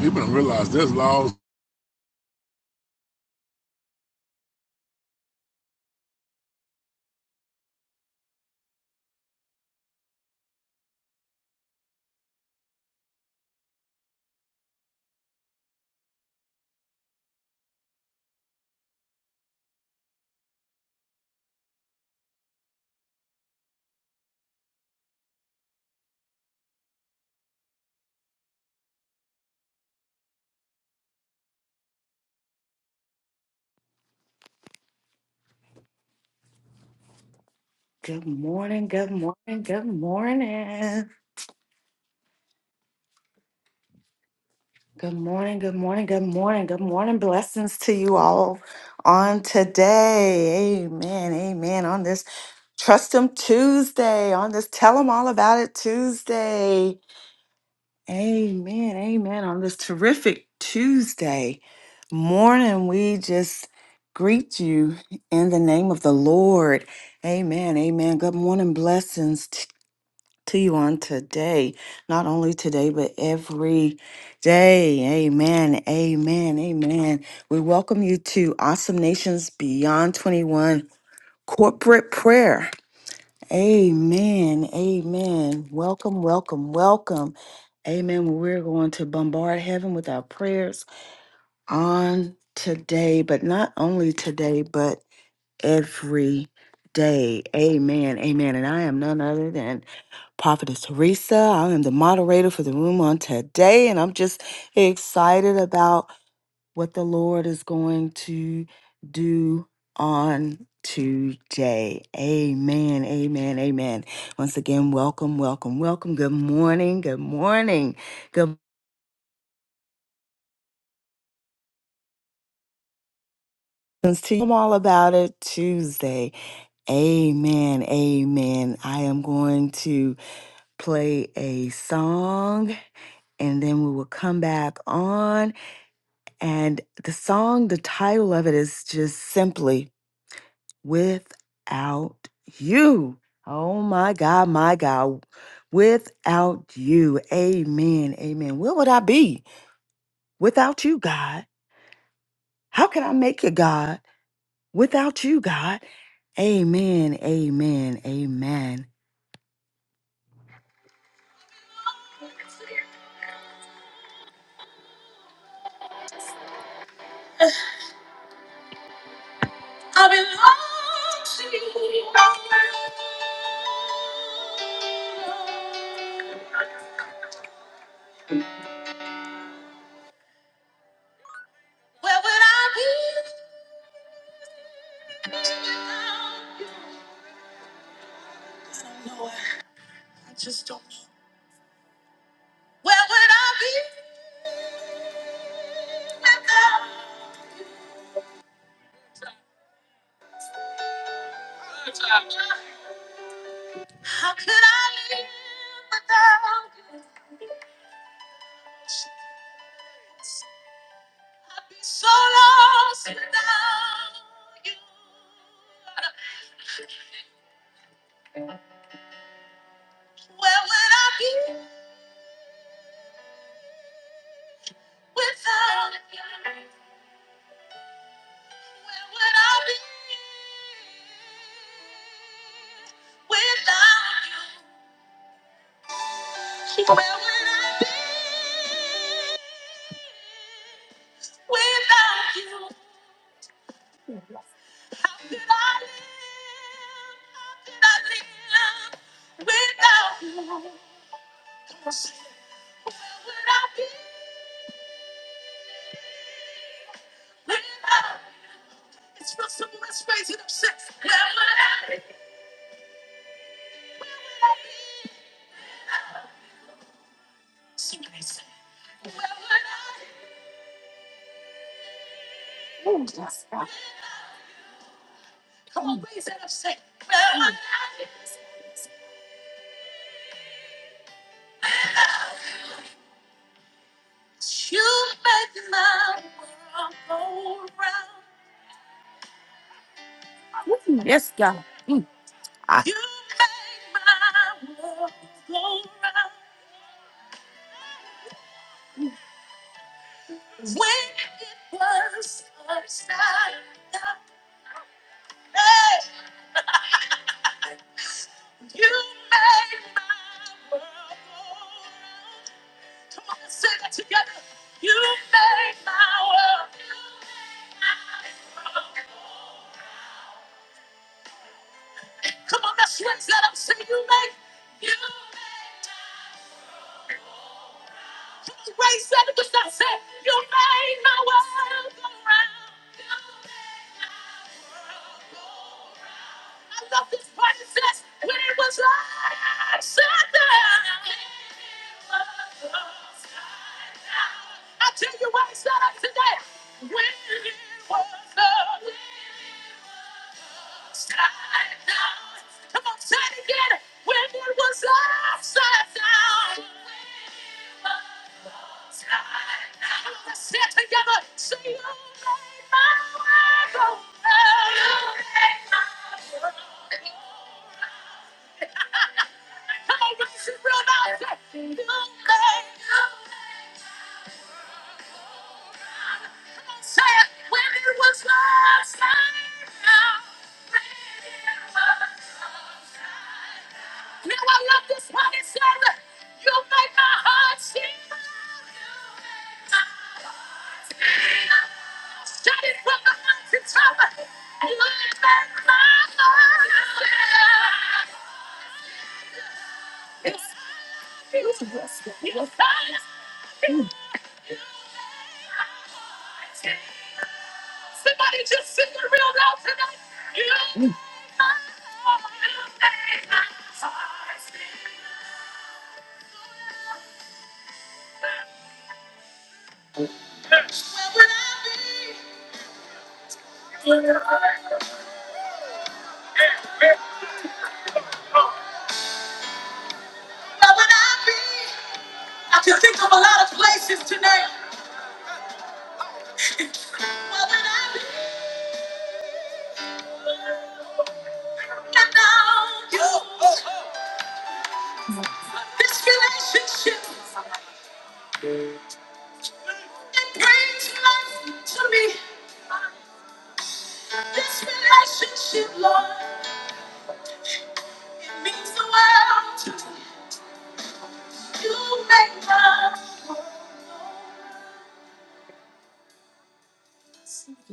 You better realize there's laws. Good morning, good morning, good morning. Good morning, good morning, good morning, good morning. Blessings to you all on today. Amen, amen. On this Trust Him Tuesday, on this Tell Him All About It Tuesday. Amen, amen. On this terrific Tuesday morning, we just greet you in the name of the Lord. Amen, amen. Good morning, blessings to you on today, not only today, but every day. Amen. Amen. Amen. We welcome you to Awesome Nations Beyond 21 Corporate Prayer. Amen. Amen. Welcome, welcome, welcome. Amen. We're going to bombard heaven with our prayers on today, but not only today, but every day. Amen. Amen. And I am none other than Prophetess Teresa. I am the moderator for the room on today, and I'm just excited about what the Lord is going to do on today. Amen, amen, amen. Once again, welcome, welcome, welcome. Good morning, good morning. Good morning to you. I'm all about it Tuesday. Amen, amen. I am going to play a song and then we will come back on And the song, the title of it is just simply Without You. Oh my God, my God. Without you. Amen. Amen. Where would I be without you, God? How can I make it, God, without you, God? Amen. Amen. Amen. I- you make my world go round. Where would I be? Where would I be? I can think of a lot of places tonight.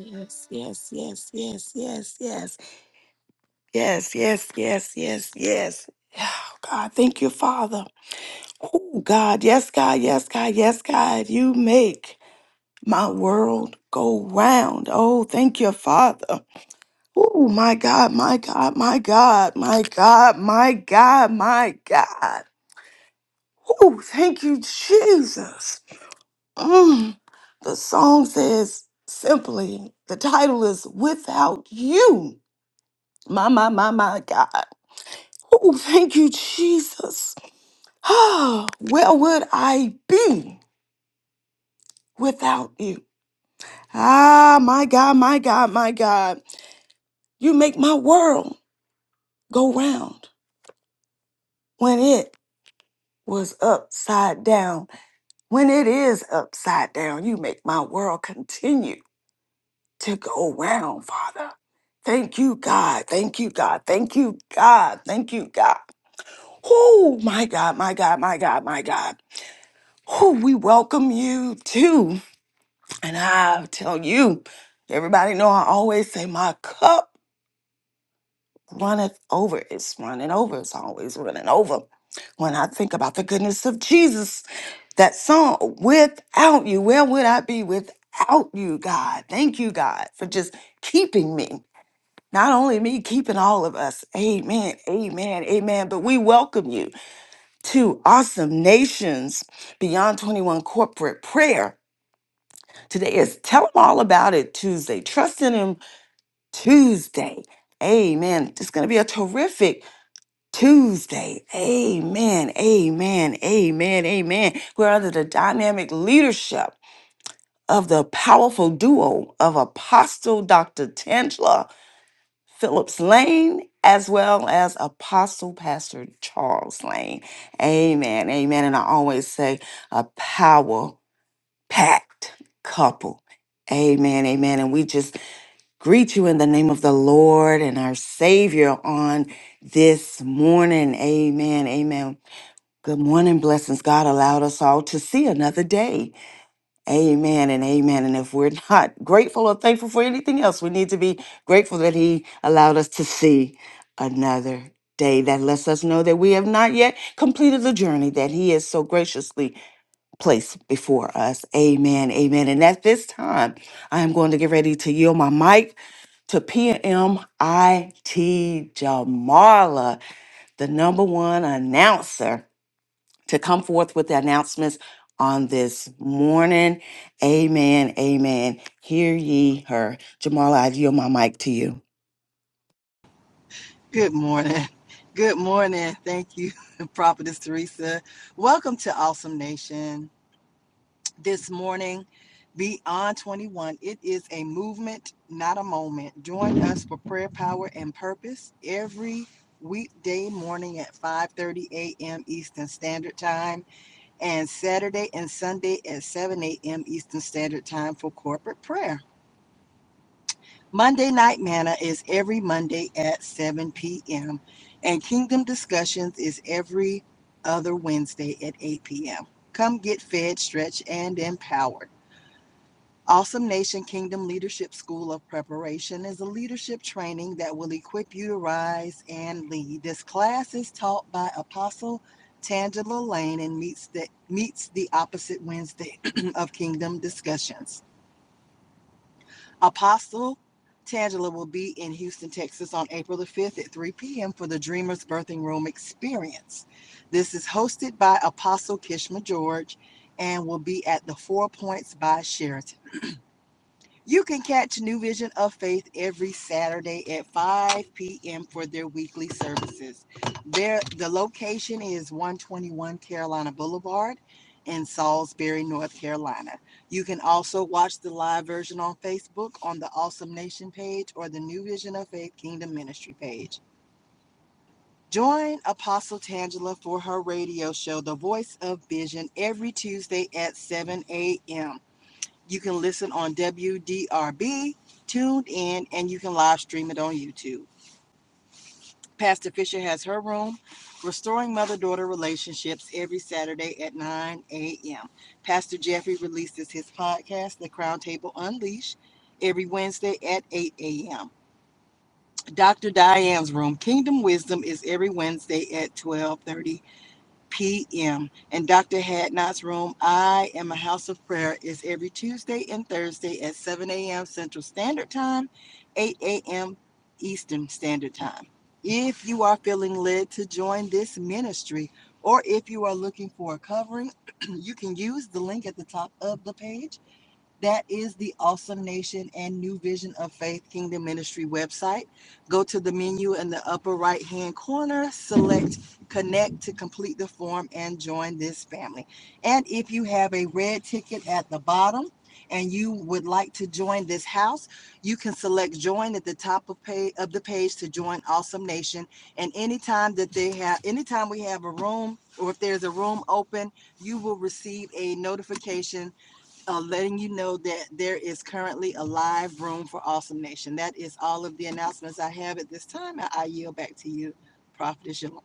Yes, yes, yes, yes, yes, yes, yes, yes, yes, yes, yes. Oh, God, thank you, Father. Oh, God, yes, God, yes, God, yes, God. You make my world go round. Oh, thank you, Father. Oh, my God, my God, my God, my God, my God, my God. Oh, thank you, Jesus. Mm. The song says simply, the title is Without You. My, my, my, my God. Oh, thank you, Jesus. Ah, where would I be without you? Ah, my God, my God, my God. You make my world go round when it was upside down. When it is upside down, you make my world continue to go round, Father. Thank you, God. Thank you, God. Thank you, God. Thank you, God. Oh, my God, my God, my God, my God. Whew, we welcome you too. And I tell you, everybody know I always say my cup runneth over. It's running over. It's always running over. When I think about the goodness of Jesus, that song, without you, where would I be without you, God? Thank you, God, for just keeping me. Not only me, keeping all of us. Amen, amen, amen. But we welcome you to Awesome Nations Beyond 21 Corporate Prayer. Today is Tell 'em All About It Tuesday. Trust in Him Tuesday. Amen. It's going to be a terrific Tuesday. Amen. Amen. Amen. Amen. We're under the dynamic leadership of the powerful duo of Apostle Dr. Tangela Phillips Lane as well as Apostle Pastor Charles Lane. Amen. Amen. And I always say a power packed couple. Amen. Amen. And we just greet you in the name of the Lord and our Savior on this morning. Amen. Amen. Good morning, blessings. God allowed us all to see another day. Amen and amen. And if we're not grateful or thankful for anything else, we need to be grateful that He allowed us to see another day. That lets us know that we have not yet completed the journey that He has so graciously place before us. Amen. Amen. And at this time, I am going to get ready to yield my mic to PMIT Jamarla, the number one announcer, to come forth with the announcements on this morning. Amen. Amen. Hear ye her. Jamarla, I yield my mic to you. Good morning. Good morning. Thank you, Prophetess Teresa. Welcome to Awesome Nation. This morning, Beyond 21, it is a movement, not a moment. Join us for prayer, power, and purpose every weekday morning at 5.30 a.m. Eastern Standard Time and Saturday and Sunday at 7 a.m. Eastern Standard Time for corporate prayer. Monday Night Manna is every Monday at 7 p.m., and Kingdom Discussions is every other Wednesday at 8 p.m. Come get fed, stretched, and empowered. Awesome Nation Kingdom Leadership School of Preparation is a leadership training that will equip you to rise and lead. This class is taught by Apostle Tangela Lane and meets the meets the opposite Wednesday of Kingdom Discussions. Apostle Tangela will be in Houston, Texas on April the 5th at 3 p.m. for the Dreamers Birthing Room Experience. This is hosted by Apostle Kishma George and will be at the Four Points by Sheraton. You can catch New Vision of Faith every Saturday at 5 p.m. for their weekly services. Their, the location is 121 Carolina Boulevard in Salisbury, North Carolina. You can also watch the live version on Facebook on the Awesome Nation page or the New Vision of Faith Kingdom Ministry page. Join Apostle Tangela for her radio show, The Voice of Vision, every Tuesday at 7 a.m. You can listen on WDRB, tuned in, and you can live stream it on YouTube. Pastor Fisher has her room, Restoring Mother Daughter Relationships, every Saturday at 9 a.m. Pastor Jeffrey releases his podcast, The Crown Table Unleashed, every Wednesday at 8 a.m. Dr. Diane's room, Kingdom Wisdom, is every Wednesday at 12:30 p.m. in Dr. Hadnot's room. I am a house of prayer is every Tuesday and Thursday at 7 a.m. Central Standard Time, 8 a.m. Eastern Standard Time. If you are feeling led to join this ministry, or if you are looking for a covering, you can use the link at the top of the page that is the Awesome Nation and New Vision of Faith Kingdom Ministry website. Go to the menu in the upper right hand corner, select Connect to complete the form and join this family. And if you have a red ticket at the bottom and you would like to join this house, you can select Join at the top of, page, of the page to join Awesome Nation. And anytime that they have, anytime we have a room or if there's a room open, you will receive a notification uh, letting you know that there is currently a live room for Awesome Nation. That is all of the announcements I have at this time. I, I yield back to you, Prophetess, Yol-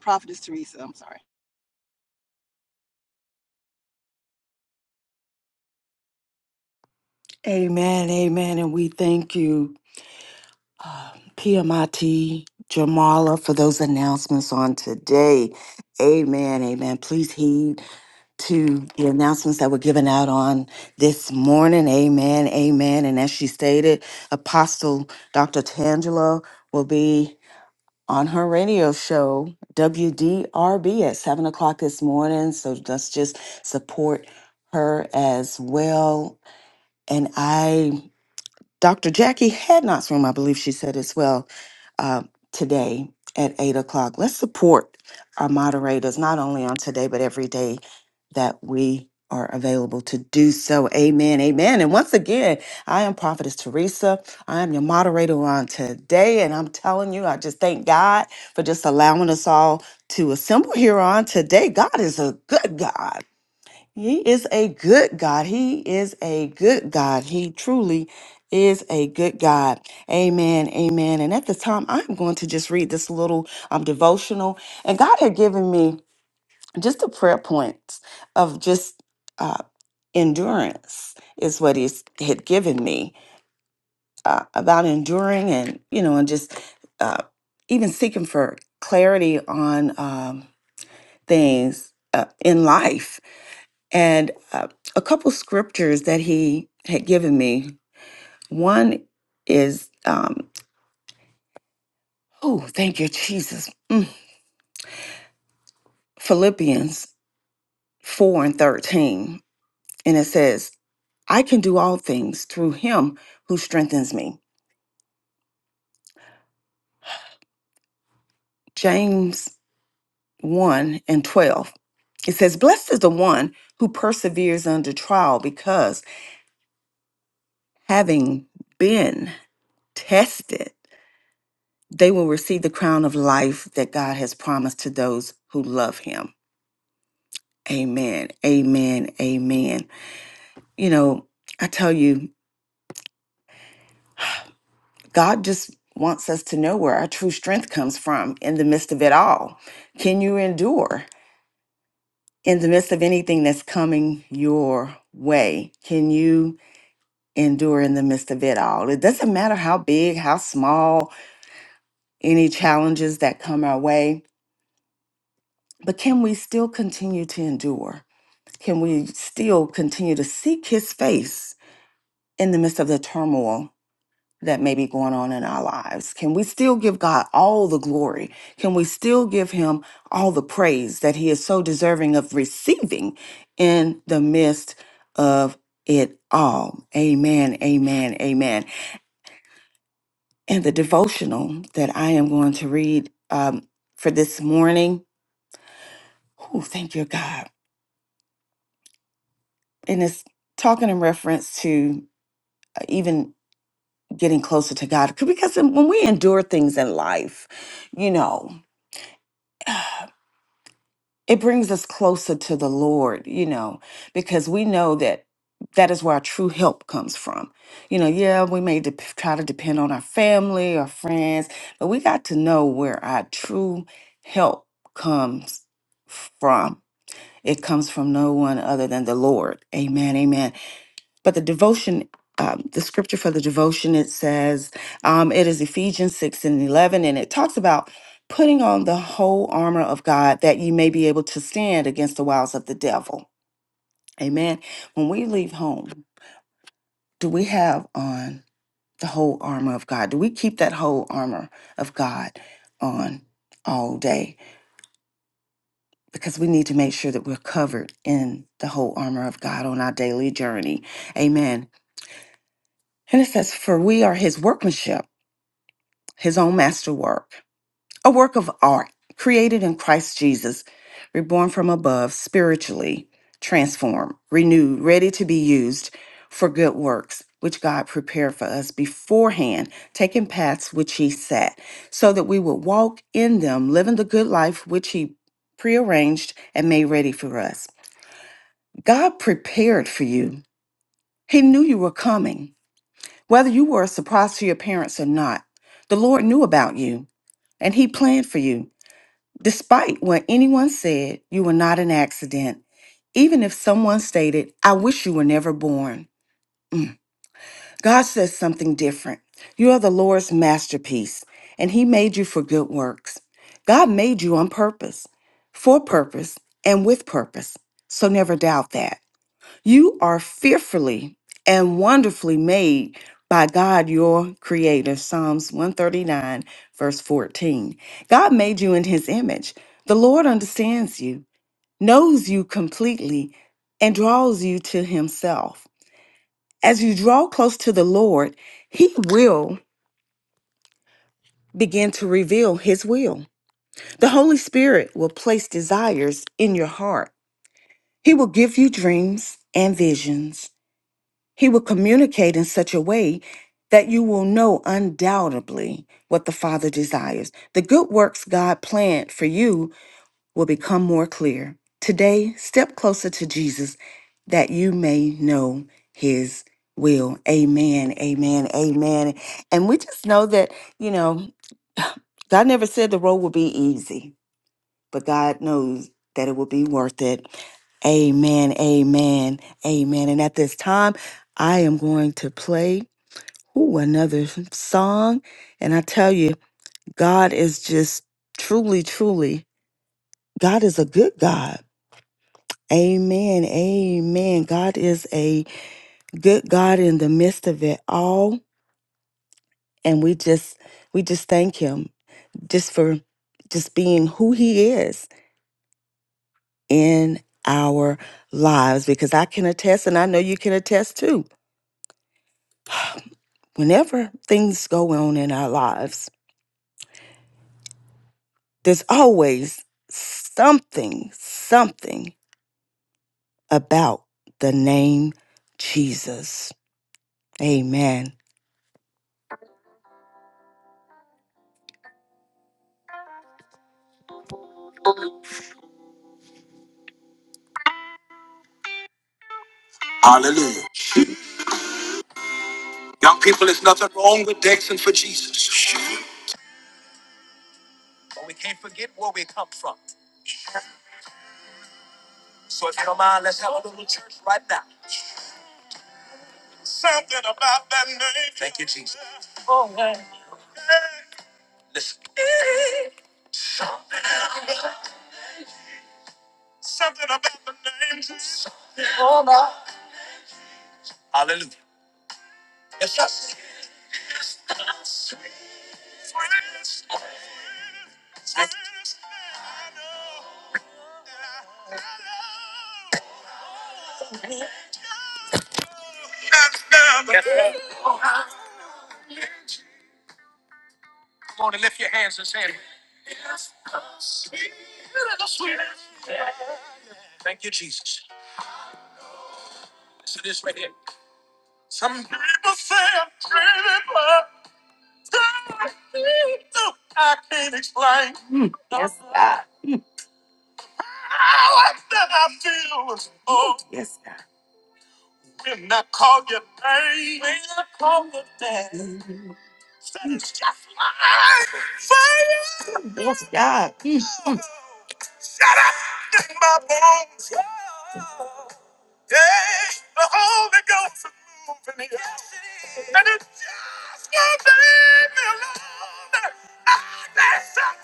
Prophetess Teresa. I'm sorry. Amen, amen. And we thank you. Piamati Jamala for those announcements on today. Amen, amen. Please heed to the announcements that were given out on this morning. Amen, amen. And as she stated, Apostle Dr. Tangela will be on her radio show, WDRB, at 7 o'clock this morning. So let's just support her as well. And I Dr. Jackie Hadnot's room, I believe she said as well, uh, today at 8 o'clock. Let's support our moderators, not only on today, but every day that we are available to do so. Amen. Amen. And once again, I am Prophetess Teresa. I am your moderator on today. And I'm telling you, I just thank God for just allowing us all to assemble here on today. God is a good God. He is a good God. He is a good God. He truly is a good God. Amen. Amen. And at the time, I'm going to just read this little um, devotional. And God had given me just a prayer point of just uh, endurance, is what He had given me uh, about enduring and, you know, and just uh, even seeking for clarity on um, things uh, in life and uh, a couple scriptures that he had given me. One is, um, oh, thank you, Jesus. Mm. Philippians 4 and 13. And it says, I can do all things through him who strengthens me. James 1 and 12. It says, Blessed is the one who perseveres under trial because having been tested, they will receive the crown of life that God has promised to those who love him. Amen. Amen. Amen. You know, I tell you, God just wants us to know where our true strength comes from in the midst of it all. Can you endure in the midst of anything that's coming your way? Can you endure in the midst of it all? It doesn't matter how big, how small, any challenges that come our way, but can we still continue to endure? Can we still continue to seek his face in the midst of the turmoil that may be going on in our lives? Can we still give God all the glory? Can we still give Him all the praise that He is so deserving of receiving in the midst of it all? Amen, amen, amen. And the devotional that I am going to read um, for this morning, oh, thank you, God. And it's talking in reference to uh, even getting closer to God because when we endure things in life, you know. it brings us closer to the Lord, you know, because we know that that is where our true help comes from. You know, yeah, we may dep try to depend on our family or friends, but we got to know where our true help comes from. It comes from no one other than the Lord. Amen. Amen but the devotion um, the scripture for the devotion it says um, it is ephesians 6 and 11 and it talks about putting on the whole armor of god that you may be able to stand against the wiles of the devil amen when we leave home do we have on the whole armor of god do we keep that whole armor of god on all day because we need to make sure that we're covered in the whole armor of god on our daily journey amen and it says for we are his workmanship his own masterwork, a work of art created in Christ Jesus, reborn from above, spiritually transformed, renewed, ready to be used for good works, which God prepared for us beforehand, taking paths which He set, so that we would walk in them, living the good life which He prearranged and made ready for us. God prepared for you, He knew you were coming. Whether you were a surprise to your parents or not, the Lord knew about you and He planned for you. Despite what anyone said, you were not an accident. Even if someone stated, I wish you were never born, God says something different. You are the Lord's masterpiece, and He made you for good works. God made you on purpose, for purpose, and with purpose. So never doubt that. You are fearfully and wonderfully made by God, your creator. Psalms 139, verse 14. God made you in his image. The Lord understands you, knows you completely, and draws you to himself. As you draw close to the Lord, he will begin to reveal his will. The Holy Spirit will place desires in your heart. He will give you dreams and visions. He will communicate in such a way that you will know undoubtedly what the Father desires. The good works God planned for you will become more clear. Today, step closer to Jesus that you may know his will. Amen, amen, amen. And we just know that, you know, God never said the road would be easy but God knows that it will be worth it. Amen, amen, amen. And at this time, I am going to play ooh, another song. And I tell you, God is just truly, truly, God is a good God. Amen, amen. God is a good God in the midst of it all. And we just, we just thank him just for just being who he is in our lives because I can attest, and I know you can attest too. Whenever things go on in our lives, there's always something, something about the name Jesus. Amen. Something about that name, Jesus. something about the name Jesus. I know, I know. People say I'm dreaming, but I feel I can't explain how I that I feel. Oh, when I call your name, said it's just like fire in my bones. The Holy Ghost is moving here, and it just won't leave me alone. I need something.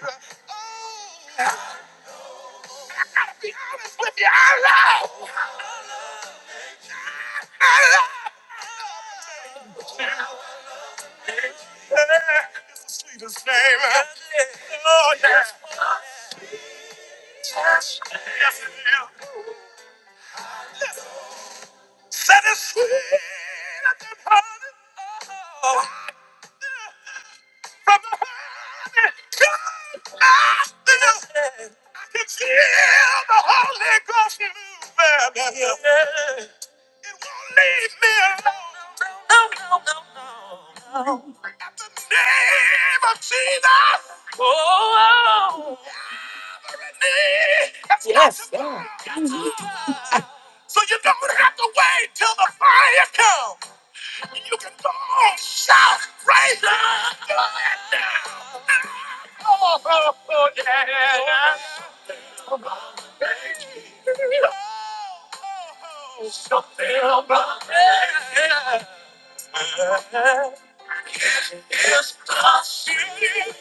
Oh, I'm with you. I love. It's the sweetest name. Oh, yeah. Yes, it is. Said it's sweet as the heart Oh, From the honey to the honey. I can feel the Holy Ghost moving. It won't leave me alone. At the name of Jesus, Yes, to God. So you don't have to wait till the fire comes. And you can go shout, praise God, do it now. Yeah. Yeah. It's possible.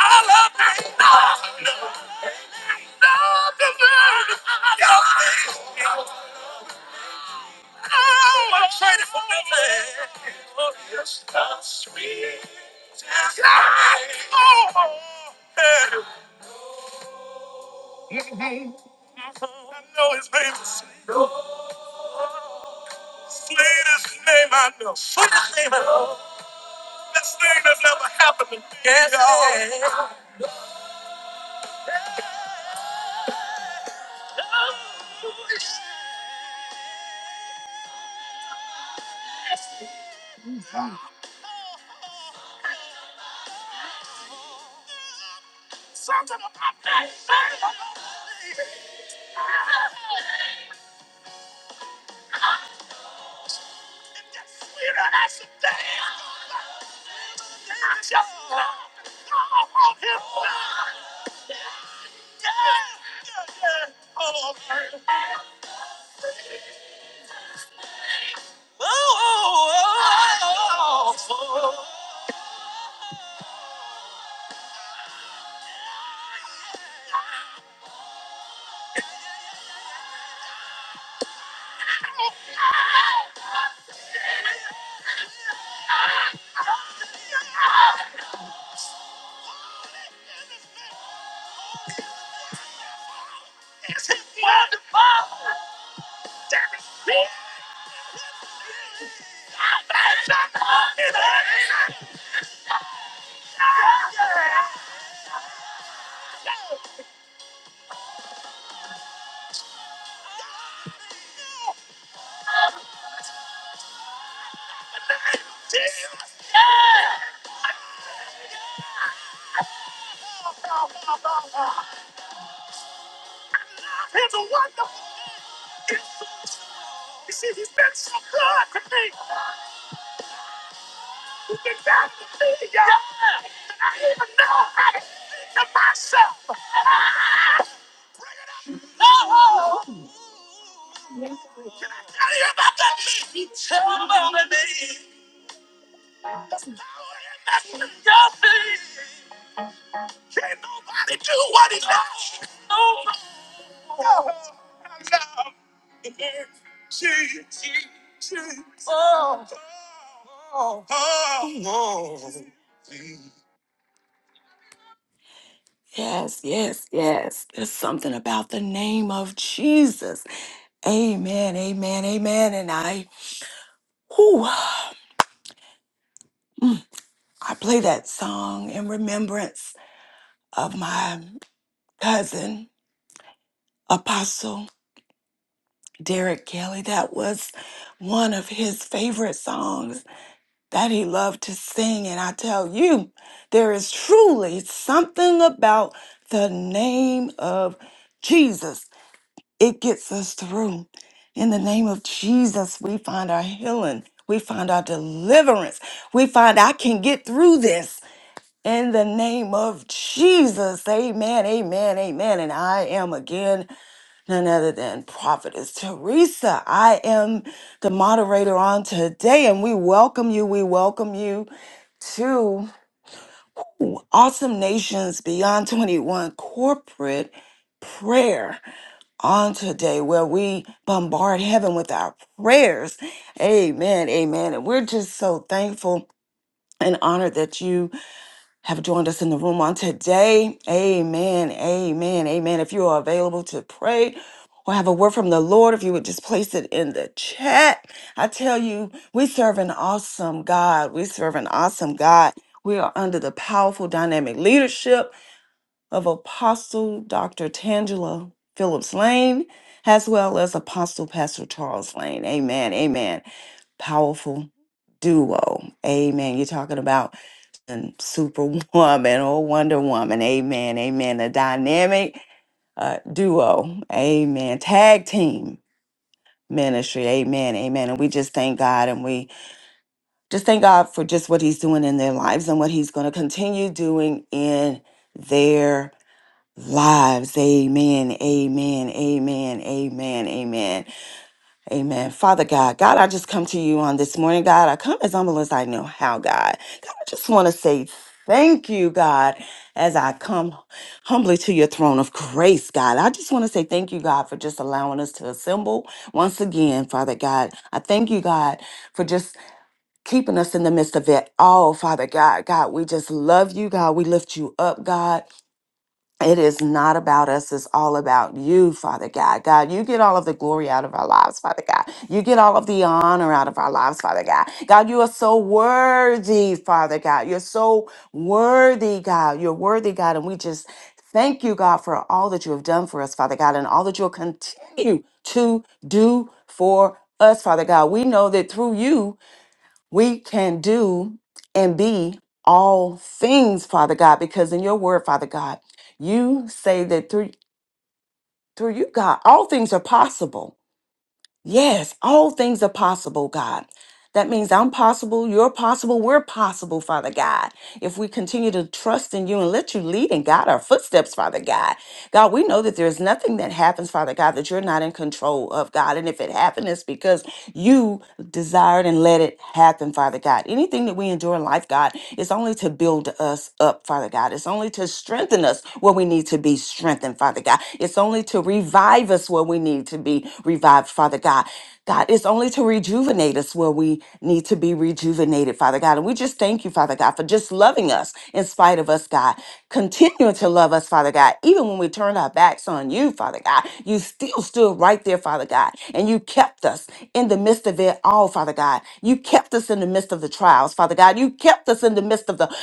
I love that. I love the man. Oh, I'm excited for nothing. Oh, it's the sweetest. Oh, I know his name. Slayer's name I know. Slayer's name I know. This thing that's never happened to me. Yes, y'all. yes, yes, yes. There's something about the name of Jesus. Amen, amen, amen. And I, whew, I play that song in remembrance of my cousin, Apostle Derek Kelly. That was one of his favorite songs. that he loved to sing. And I tell you, there is truly something about the name of Jesus. It gets us through. In the name of Jesus, we find our healing, we find our deliverance, we find I can get through this. In the name of Jesus, amen, amen, amen. And I am again none other than Prophetess Teresa. I am the moderator on today, and we welcome you. We welcome you to Awesome Nations Beyond 21 Corporate Prayer on today, where we bombard heaven with our prayers. Amen. Amen. And we're just so thankful and honored that you have joined us in the room on today. Amen. Amen. Amen. If you are available to pray or have a word from the Lord, if you would just place it in the chat. I tell you, we serve an awesome God. We serve an awesome God. We are under the powerful dynamic leadership of Apostle Dr. Tangela Phillips Lane, as well as Apostle Pastor Charles Lane. Amen. Amen. Powerful duo. Amen. You're talking about and superwoman or Wonder Woman. Amen. Amen. A dynamic uh, duo. Amen. Tag team ministry. Amen. Amen. And we just thank God and we just thank God for just what He's doing in their lives and what He's going to continue doing in their lives. Amen. Amen. Amen. Amen. Amen. Amen. Father God, God, I just come to you on this morning, God. I come as humble as I know how, God. God, I just want to say thank you, God, as I come humbly to your throne of grace, God. I just want to say thank you, God, for just allowing us to assemble once again, Father God. I thank you, God, for just keeping us in the midst of it all, Father God. God, we just love you, God. We lift you up, God. It is not about us. It's all about you, Father God. God, you get all of the glory out of our lives, Father God. You get all of the honor out of our lives, Father God. God, you are so worthy, Father God. You're so worthy, God. You're worthy, God. And we just thank you, God, for all that you have done for us, Father God, and all that you'll continue to do for us, Father God. We know that through you, we can do and be all things, Father God, because in your word, Father God, you say that through through you, God, all things are possible. Yes, all things are possible, God. That means I'm possible, you're possible, we're possible, Father God. If we continue to trust in you and let you lead and guide our footsteps, Father God. God, we know that there's nothing that happens, Father God, that you're not in control of, God. And if it happened, it's because you desired and let it happen, Father God. Anything that we endure in life, God, is only to build us up, Father God. It's only to strengthen us where we need to be strengthened, Father God. It's only to revive us where we need to be revived, Father God. God, it's only to rejuvenate us where we need to be rejuvenated, Father God. And we just thank you, Father God, for just loving us in spite of us, God. Continuing to love us, Father God. Even when we turned our backs on you, Father God, you still stood right there, Father God. And you kept us in the midst of it all, Father God. You kept us in the midst of the trials, Father God. You kept us in the midst of the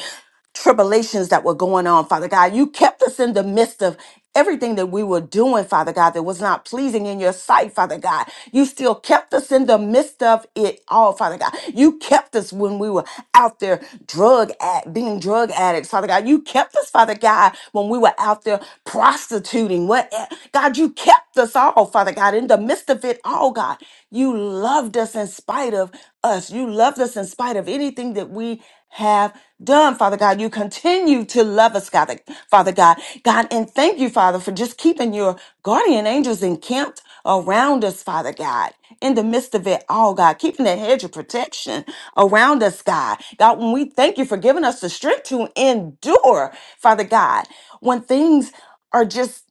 tribulations that were going on, Father God. You kept us in the midst of everything that we were doing, Father God, that was not pleasing in your sight, Father God. You still kept us in the midst of it all, Father God. You kept us when we were out there drug at being drug addicts, Father God. You kept us, Father God, when we were out there prostituting. What eh, God, you kept us all, Father God, in the midst of it all, God. You loved us in spite of us. You loved us in spite of anything that we have done, Father God. You continue to love us, God, Father God. God, and thank you, Father, for just keeping your guardian angels encamped around us, Father God. In the midst of it all, God, keeping that hedge of protection around us, God. God, when we thank you for giving us the strength to endure, Father God, when things are just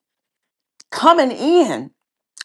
coming in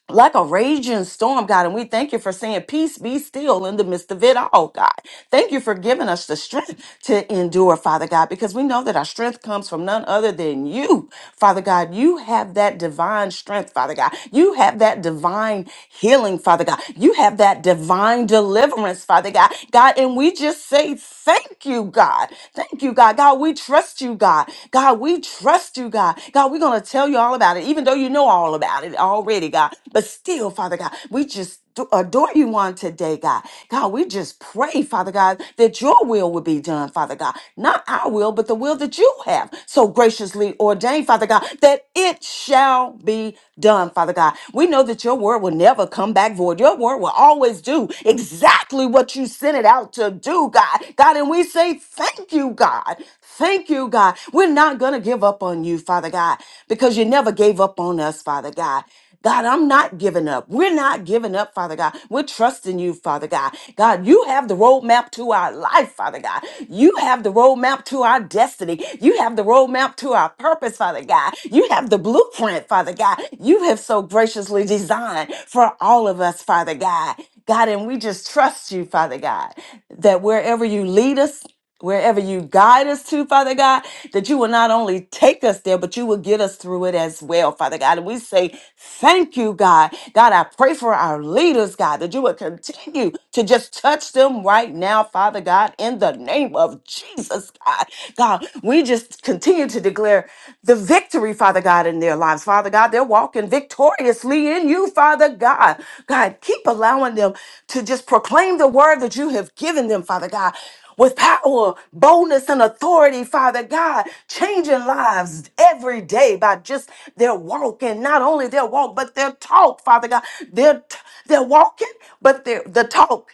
like a raging storm, God. And we thank you for saying, Peace be still in the midst of it all, God. Thank you for giving us the strength to endure, Father God, because we know that our strength comes from none other than you, Father God. You have that divine strength, Father God. You have that divine healing, Father God. You have that divine deliverance, Father God. God, and we just say, Thank you, God. Thank you, God. God, we trust you, God. God, we trust you, God. God, we're going to tell you all about it, even though you know all about it already, God. But still, Father God, we just do- adore you on today, God. God, we just pray, Father God, that your will would be done, Father God. Not our will, but the will that you have so graciously ordained, Father God, that it shall be done, Father God. We know that your word will never come back void. Your word will always do exactly what you sent it out to do, God. God, and we say thank you, God. Thank you, God. We're not going to give up on you, Father God, because you never gave up on us, Father God. God, I'm not giving up. We're not giving up, Father God. We're trusting you, Father God. God, you have the roadmap to our life, Father God. You have the roadmap to our destiny. You have the roadmap to our purpose, Father God. You have the blueprint, Father God. You have so graciously designed for all of us, Father God. God, and we just trust you, Father God, that wherever you lead us, wherever you guide us to, Father God, that you will not only take us there, but you will get us through it as well, Father God. And we say, Thank you, God. God, I pray for our leaders, God, that you would continue to just touch them right now, Father God, in the name of Jesus, God. God, we just continue to declare the victory, Father God, in their lives, Father God. They're walking victoriously in you, Father God. God, keep allowing them to just proclaim the word that you have given them, Father God with power, boldness, and authority, Father God, changing lives every day by just their walk and not only their walk, but their talk, Father God. Their, t- their walking, but their the talk.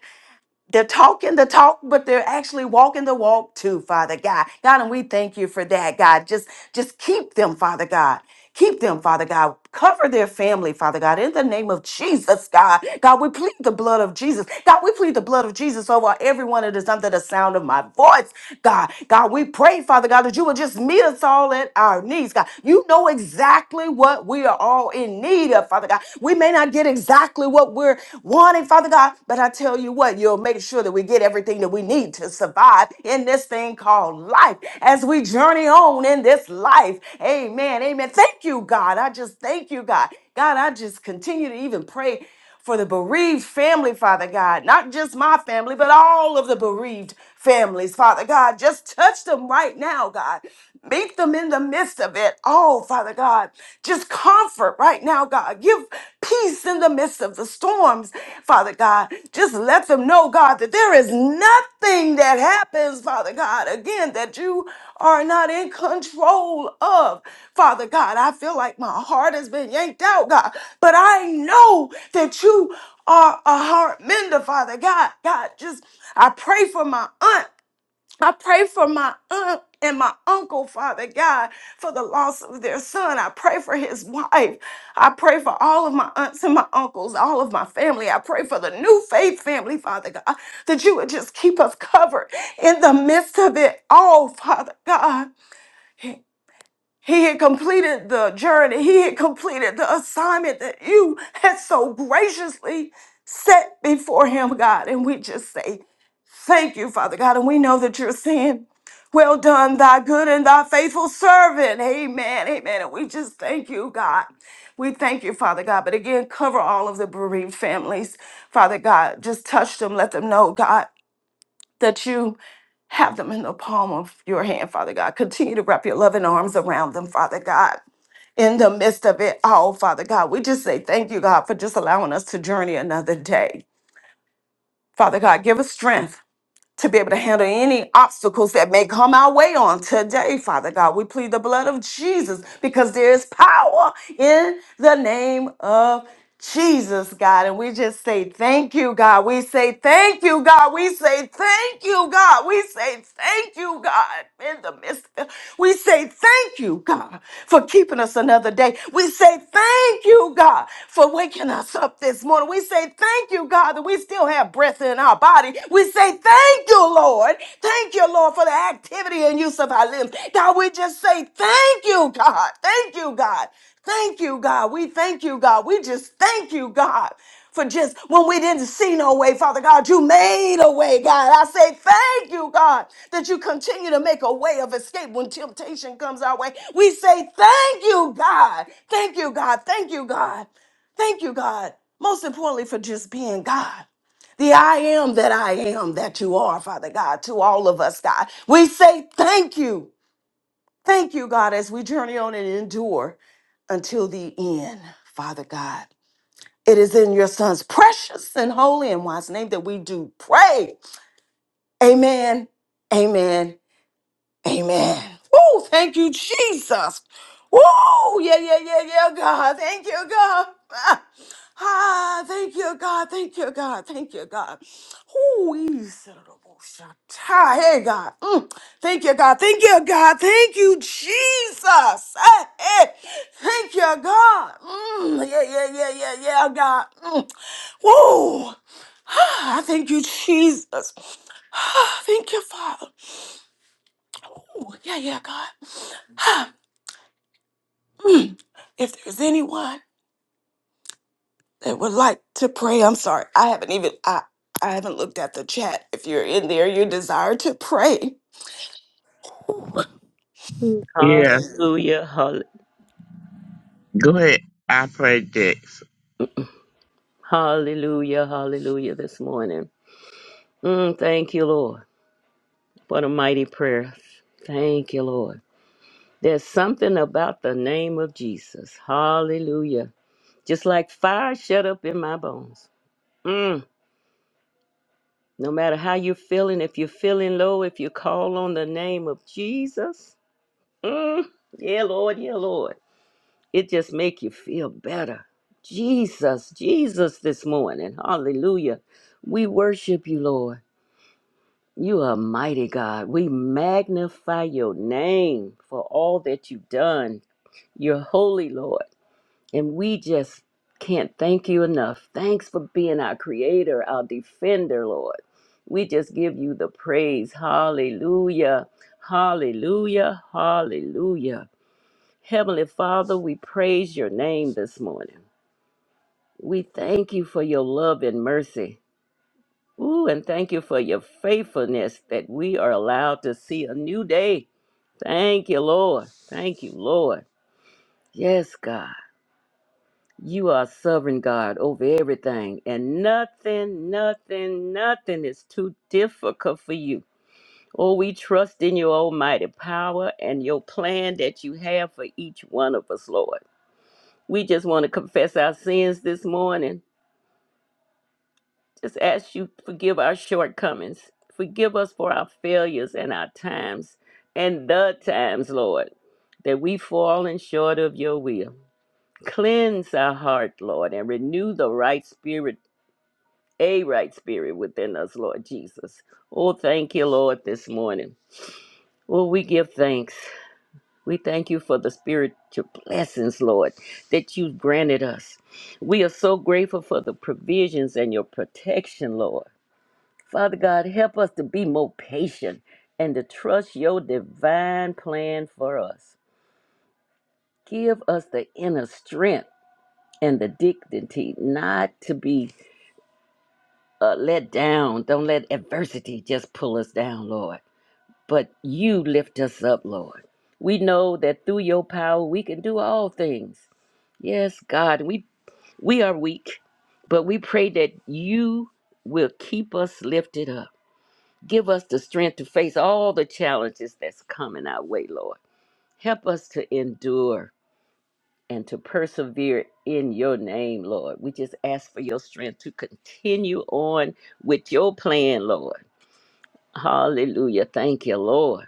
They're talking the talk, but they're actually walking the walk too, Father God. God, and we thank you for that, God. Just, just keep them, Father God. Keep them, Father God. Cover their family, Father God. In the name of Jesus, God. God, we plead the blood of Jesus. God, we plead the blood of Jesus over everyone that is under the sound of my voice, God. God, we pray, Father God, that you will just meet us all at our needs, God. You know exactly what we are all in need of, Father God. We may not get exactly what we're wanting, Father God, but I tell you what, you'll make sure that we get everything that we need to survive in this thing called life as we journey on in this life. Amen. Amen. Thank you, God. I just thank you, God. God, I just continue to even pray for the bereaved family, Father God, not just my family, but all of the bereaved families, Father God. Just touch them right now, God. Meet them in the midst of it all, Father God. Just comfort right now, God. Give peace in the midst of the storms, Father God. Just let them them know, God, that there is nothing that happens, Father God, again, that you are not in control of. Father God, I feel like my heart has been yanked out, God, but I know that you are a heart mender, Father God. God, just I pray for my aunt. I pray for my aunt and my uncle, Father God, for the loss of their son. I pray for his wife. I pray for all of my aunts and my uncles, all of my family. I pray for the new faith family, Father God, that you would just keep us covered in the midst of it all, Father God. He had completed the journey. He had completed the assignment that you had so graciously set before him, God. And we just say, Thank you, Father God. And we know that you're saying, Well done, thy good and thy faithful servant. Amen. Amen. And we just thank you, God. We thank you, Father God. But again, cover all of the bereaved families, Father God. Just touch them. Let them know, God, that you have them in the palm of your hand, Father God. Continue to wrap your loving arms around them, Father God. In the midst of it all, Father God, we just say thank you, God, for just allowing us to journey another day. Father God, give us strength to be able to handle any obstacles that may come our way on today, Father God. We plead the blood of Jesus because there is power in the name of Jesus, God. And we just say thank you, God. We say thank you, God. We say thank you, God. We say thank you, God. In the midst, we say thank you, God, for keeping us another day. We say thank you, God, for waking us up this morning. We say thank you, God. God, that we still have breath in our body. We say, Thank you, Lord. Thank you, Lord, for the activity and use of our limbs. God, we just say, Thank you, God. Thank you, God. Thank you, God. We thank you, God. We just thank you, God. For just when we didn't see no way, Father God, you made a way, God. I say thank you, God, that you continue to make a way of escape when temptation comes our way. We say thank you, God. Thank you, God. Thank you, God. Thank you, God. Most importantly, for just being God. The I am that I am that you are, Father God, to all of us, God. We say thank you. Thank you, God, as we journey on and endure until the end, Father God. It is in your Son's precious and holy and wise name that we do pray. Amen. Amen. Amen. Woo! Thank you, Jesus. Woo! Yeah, yeah, yeah, yeah, God. Thank you, God. Ah, ah, thank you, God. Thank you, God. Thank you, God. Ooh, he's a little shatta. Hey, God. Mm. Thank you, God. Thank you, God. Thank you, Jesus. Eh, eh. Thank you, God. Mm. Yeah, yeah, yeah, yeah, yeah, God. Mm. Woo! Ah, thank you, Jesus. Ah, thank you, Father. Ooh, yeah, yeah, God. Mm. If there's anyone that would like to pray, I'm sorry. I haven't even I I haven't looked at the chat. If you're in there, you desire to pray. Mm. Yeah, Hallelujah, hall- go ahead. I pray this. hallelujah, hallelujah this morning. Mm, thank you, Lord, for the mighty prayer. Thank you, Lord. There's something about the name of Jesus. Hallelujah. Just like fire shut up in my bones. Mm, no matter how you're feeling, if you're feeling low, if you call on the name of Jesus. Mm, yeah, Lord, yeah, Lord. It just make you feel better. Jesus, Jesus this morning. Hallelujah. We worship you, Lord. You are mighty God. We magnify your name for all that you've done. You're holy, Lord. And we just can't thank you enough. Thanks for being our creator, our defender, Lord. We just give you the praise. Hallelujah. Hallelujah. Hallelujah. Heavenly Father, we praise your name this morning. We thank you for your love and mercy. Ooh, and thank you for your faithfulness that we are allowed to see a new day. Thank you, Lord. Thank you, Lord. Yes, God. You are sovereign God over everything, and nothing, nothing, nothing is too difficult for you. Oh, we trust in your almighty power and your plan that you have for each one of us, Lord. We just want to confess our sins this morning. Just ask you forgive our shortcomings. Forgive us for our failures and our times and the times, Lord, that we have fallen short of your will. Cleanse our heart, Lord, and renew the right spirit, a right spirit within us, Lord Jesus. Oh, thank you, Lord, this morning. Oh, we give thanks. We thank you for the spiritual blessings, Lord, that you've granted us. We are so grateful for the provisions and your protection, Lord. Father God, help us to be more patient and to trust your divine plan for us. Give us the inner strength and the dignity not to be uh, let down. Don't let adversity just pull us down, Lord, but you lift us up, Lord. We know that through your power we can do all things. Yes, God, we we are weak, but we pray that you will keep us lifted up Give us the strength to face all the challenges that's coming our way, Lord. Help us to endure and to persevere in your name, Lord. We just ask for your strength to continue on with your plan, Lord. Hallelujah. Thank you, Lord.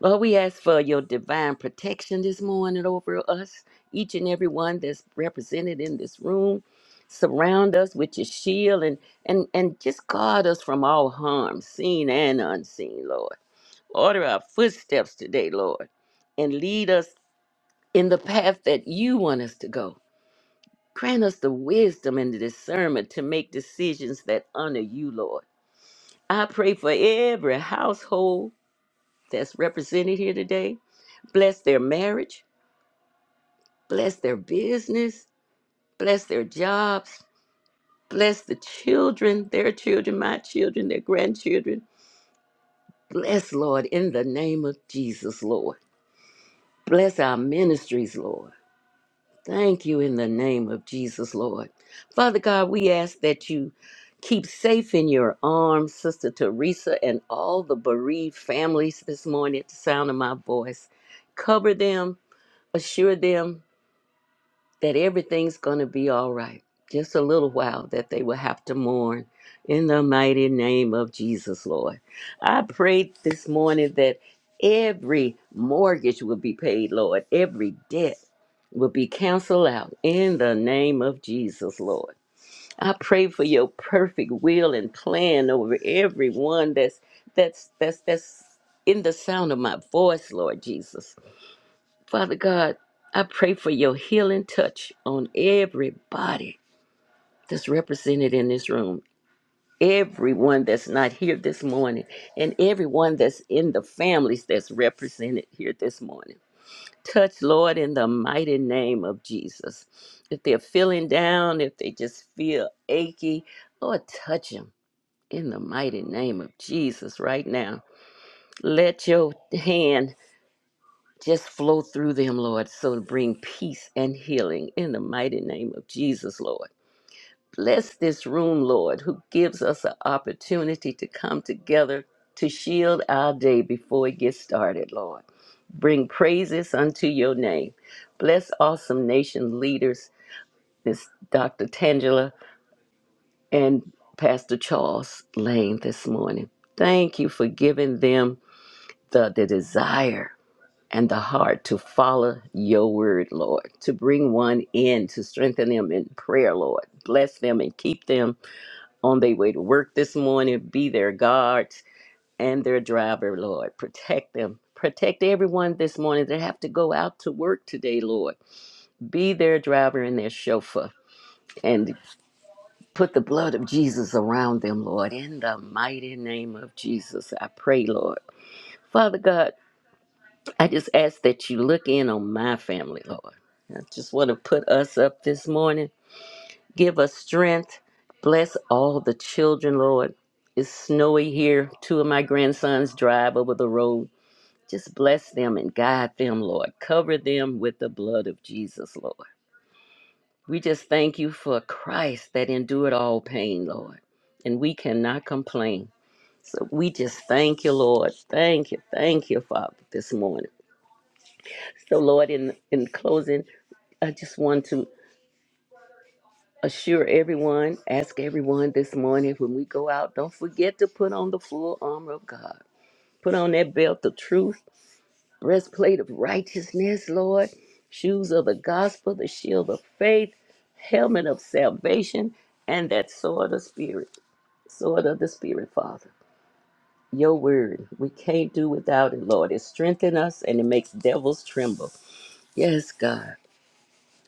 Lord, we ask for your divine protection this morning over us, each and every one that's represented in this room. Surround us with your shield and and and just guard us from all harm, seen and unseen, Lord. Order our footsteps today, Lord, and lead us in the path that you want us to go. Grant us the wisdom and the discernment to make decisions that honor you, Lord. I pray for every household that's represented here today. Bless their marriage, bless their business, bless their jobs, bless the children, their children, my children, their grandchildren. Bless, Lord, in the name of Jesus, Lord. Bless our ministries, Lord. Thank you in the name of Jesus, Lord. Father God, we ask that you keep safe in your arms, Sister Teresa, and all the bereaved families this morning at the sound of my voice. Cover them, assure them that everything's going to be all right. Just a little while that they will have to mourn in the mighty name of Jesus, Lord. I prayed this morning that every mortgage will be paid, Lord. Every debt will be canceled out in the name of Jesus, Lord. I pray for your perfect will and plan over everyone that's that's that's that's in the sound of my voice, Lord Jesus. Father God, I pray for your healing touch on everybody that's represented in this room, everyone that's not here this morning, and everyone that's in the families that's represented here this morning. Touch, Lord, in the mighty name of Jesus. If they're feeling down, if they just feel achy, Lord, touch them in the mighty name of Jesus right now. Let your hand Just flow through them, Lord, so to bring peace and healing in the mighty name of Jesus, Lord. Bless this room, Lord, who gives us an opportunity to come together to shield our day before it gets started, Lord. Bring praises unto your name. Bless awesome nation leaders, this Dr. Tangela and Pastor Charles Lane this morning. Thank you for giving them the, the desire and the heart to follow your word, Lord, to bring one in, to strengthen them in prayer, Lord. Bless them and keep them on their way to work this morning. Be their guards and their driver, Lord. Protect them. Protect everyone this morning that have to go out to work today, Lord. Be their driver and their chauffeur and put the blood of Jesus around them, Lord. In the mighty name of Jesus, I pray, Lord. Father God, I just ask that you look in on my family, Lord. I just want to put us up this morning. Give us strength. Bless all the children, Lord. It's snowy here. Two of my grandsons drive over the road. Just bless them and guide them, Lord. Cover them with the blood of Jesus, Lord. We just thank you for Christ that endured all pain, Lord. And we cannot complain. So we just thank you, Lord. Thank you. Thank you, Father, this morning. So, Lord, in, in closing, I just want to assure everyone, ask everyone this morning when we go out, don't forget to put on the full armor of God. Put on that belt of truth, breastplate of righteousness, Lord, shoes of the gospel, the shield of faith, helmet of salvation, and that sword of spirit, sword of the spirit, Father. Your word, we can't do without it, Lord. It strengthens us and it makes devils tremble. Yes, God.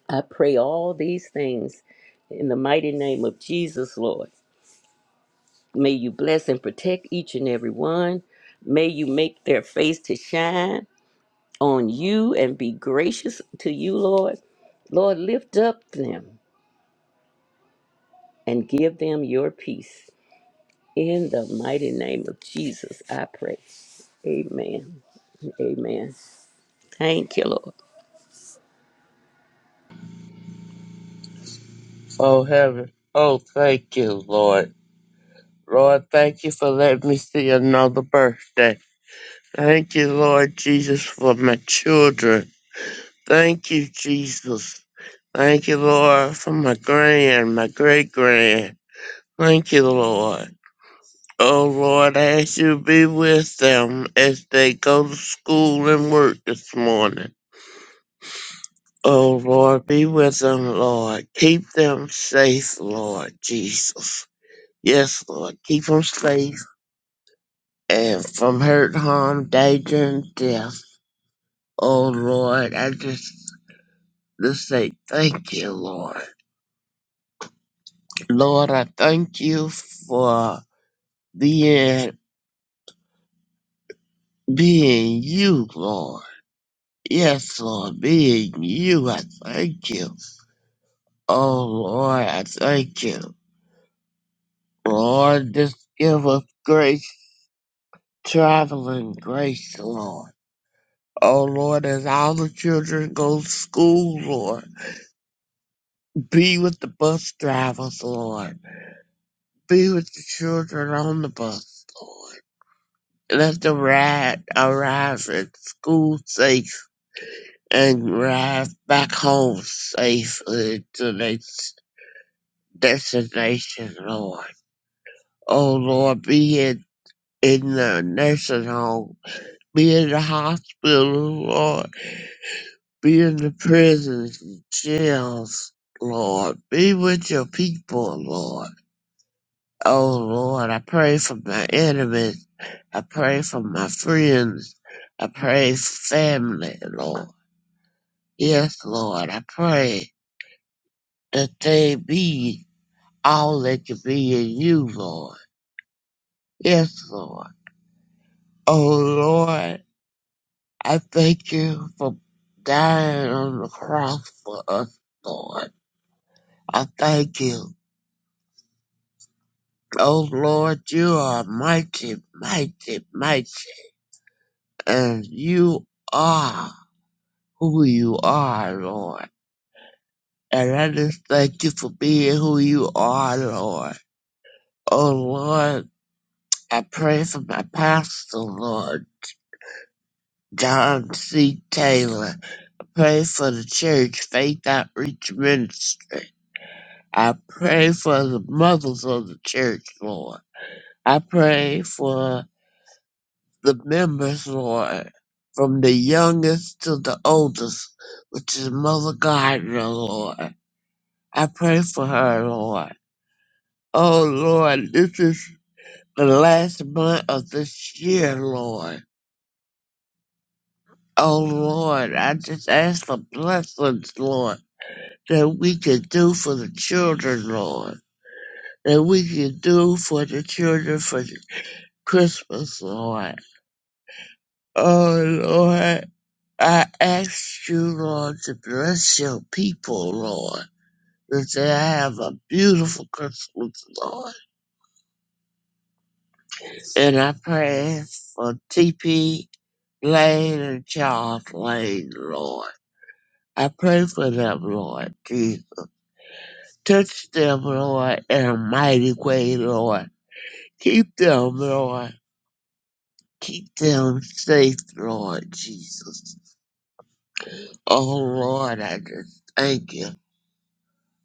I pray all these things in the mighty name of Jesus, Lord. May you bless and protect each and every one. May you make their face to shine on you and be gracious to you, Lord. Lord, lift up them and give them your peace. In the mighty name of Jesus, I pray. Amen. Amen. Thank you, Lord. Oh, heaven. Oh, thank you, Lord. Lord, thank you for letting me see another birthday. Thank you, Lord Jesus, for my children. Thank you, Jesus. Thank you, Lord, for my grand, my great grand. Thank you, Lord. Oh, Lord, I ask you to be with them as they go to school and work this morning. Oh Lord, be with them, Lord. Keep them safe, Lord Jesus. Yes, Lord, keep them safe and from hurt, harm, danger, and death. Oh Lord, I just just say thank you, Lord. Lord, I thank you for being being you, Lord. Yes, Lord, being you, I thank you. Oh Lord, I thank you. Lord, just give us grace traveling grace, Lord. Oh Lord, as all the children go to school, Lord, be with the bus drivers, Lord. Be with the children on the bus, Lord. Let them ride arrive at school safe and arrive back home safely to their s- destination, Lord. Oh Lord, be it in in the nursing home, be in the hospital, Lord Be in the prisons and jails, Lord. Be with your people, Lord. Oh, Lord, I pray for my enemies. I pray for my friends. I pray for family, Lord. Yes, Lord, I pray that they be all they can be in you, Lord. Yes, Lord. Oh, Lord, I thank you for dying on the cross for us, Lord. I thank you. Oh Lord, you are mighty, mighty, mighty, and you are who you are, Lord. And I just thank you for being who you are, Lord. Oh Lord, I pray for my pastor, Lord, John C. Taylor. I pray for the church, Faith Outreach Ministry. I pray for the mothers of the church, Lord. I pray for the members Lord, from the youngest to the oldest, which is Mother Gardner, Lord. I pray for her, Lord. Oh, Lord, this is the last month of this year, Lord. Oh, Lord, I just ask for blessings, Lord, that we can do for the children, Lord. That we can do for the children for Christmas, Lord. Oh, Lord. I ask you, Lord, to bless your people, Lord, that they have a beautiful Christmas, Lord. And I pray for TP Lane and Charles Lane, Lord. I pray for them, Lord Jesus. Touch them, Lord, in a mighty way, Lord. Keep them, Lord. Keep them safe, Lord Jesus. Oh, Lord, I just thank you.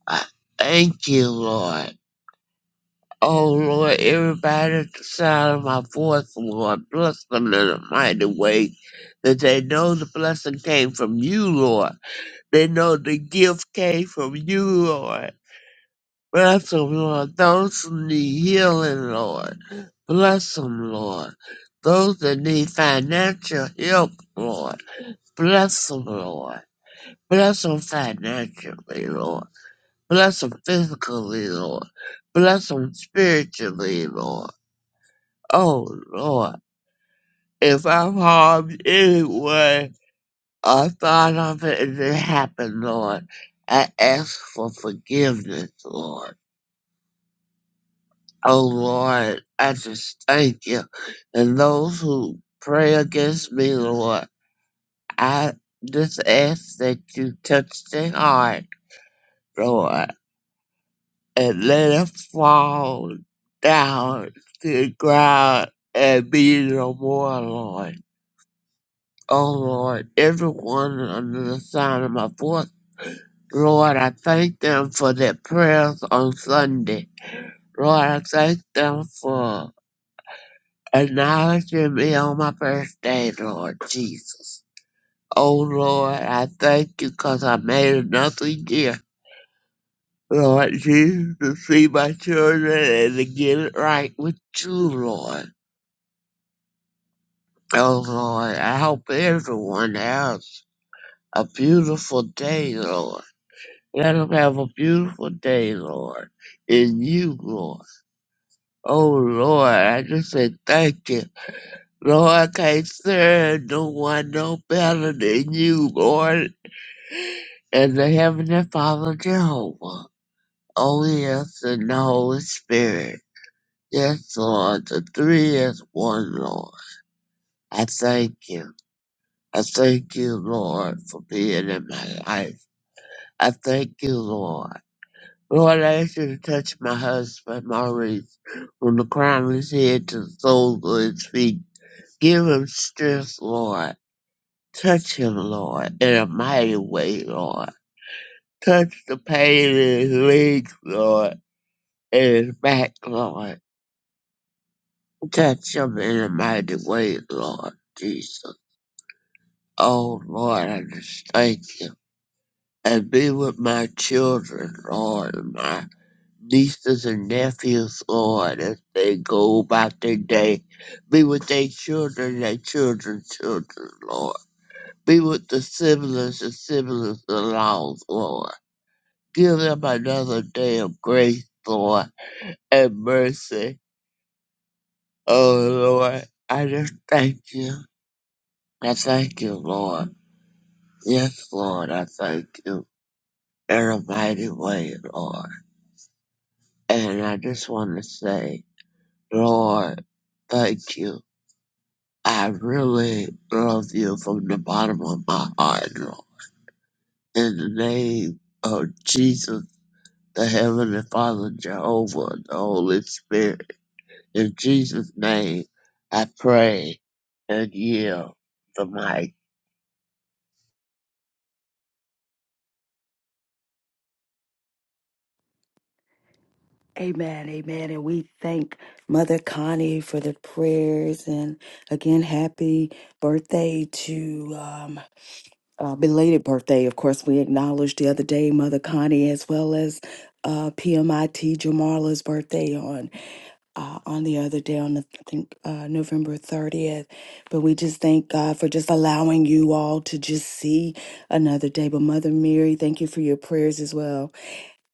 I thank you, Lord. Oh Lord, everybody at the sound of my voice, oh, Lord, bless them in a mighty way. That they know the blessing came from you, Lord. They know the gift came from you, Lord. Bless them, Lord. Those who need healing, Lord. Bless them, Lord. Those that need financial help, Lord. Bless them, Lord. Bless them financially, Lord. Bless them physically, Lord. Bless them spiritually, Lord. Oh Lord, if I'm harmed anyway, I thought of it and it happened, Lord. I ask for forgiveness, Lord. Oh Lord, I just thank you. And those who pray against me, Lord, I just ask that you touch their heart, Lord, and let it fall down to the ground and be no more, Lord. Oh Lord, everyone under the sound of my voice. Lord, I thank them for their prayers on Sunday. Lord, I thank them for acknowledging me on my birthday, Lord Jesus. Oh Lord, I thank you because I made another year. Lord Jesus, to see my children and to get it right with you, Lord. Oh Lord, I hope everyone has a beautiful day, Lord. Let them have a beautiful day, Lord, in you, Lord. Oh, Lord, I just say thank you. Lord, I can't serve no one no better than you, Lord, and the Heavenly Father Jehovah. Oh, yes, and the Holy Spirit. Yes, Lord, the three is one, Lord. I thank you. I thank you, Lord, for being in my life. I thank you, Lord. Lord, I ask you to touch my husband, Maurice. from the crown of his head to the soles of his feet. Give him strength, Lord. Touch him, Lord, in a mighty way, Lord. Touch the pain in his legs, Lord, and his back, Lord. Touch him in a mighty way, Lord Jesus. Oh, Lord, I just thank you. And be with my children, Lord, and my. nieces and nephews, Lord, as they go about their day. Be with their children, their children, children, Lord. Be with the siblings and siblings in laws, Lord. Give them another day of grace, Lord, and mercy. Oh, Lord, I just thank you. I thank you, Lord. Yes, Lord, I thank you in a mighty way, Lord. And I just want to say, Lord, thank you I really love you from the bottom of my heart, Lord. In the name of Jesus, the Heavenly Father, Jehovah, the Holy Spirit. In Jesus' name, I pray and yield the mic. Amen, amen. And we thank Mother Connie for the prayers. And again, happy birthday to. Um, uh, belated birthday. Of course, we acknowledged the other day Mother Connie as well as uh, PMIT Jamarla's birthday on uh, on the other day on the, I think uh, November 30th. But we just thank God for just allowing you all to just see another day. But Mother Mary, thank you for your prayers as well.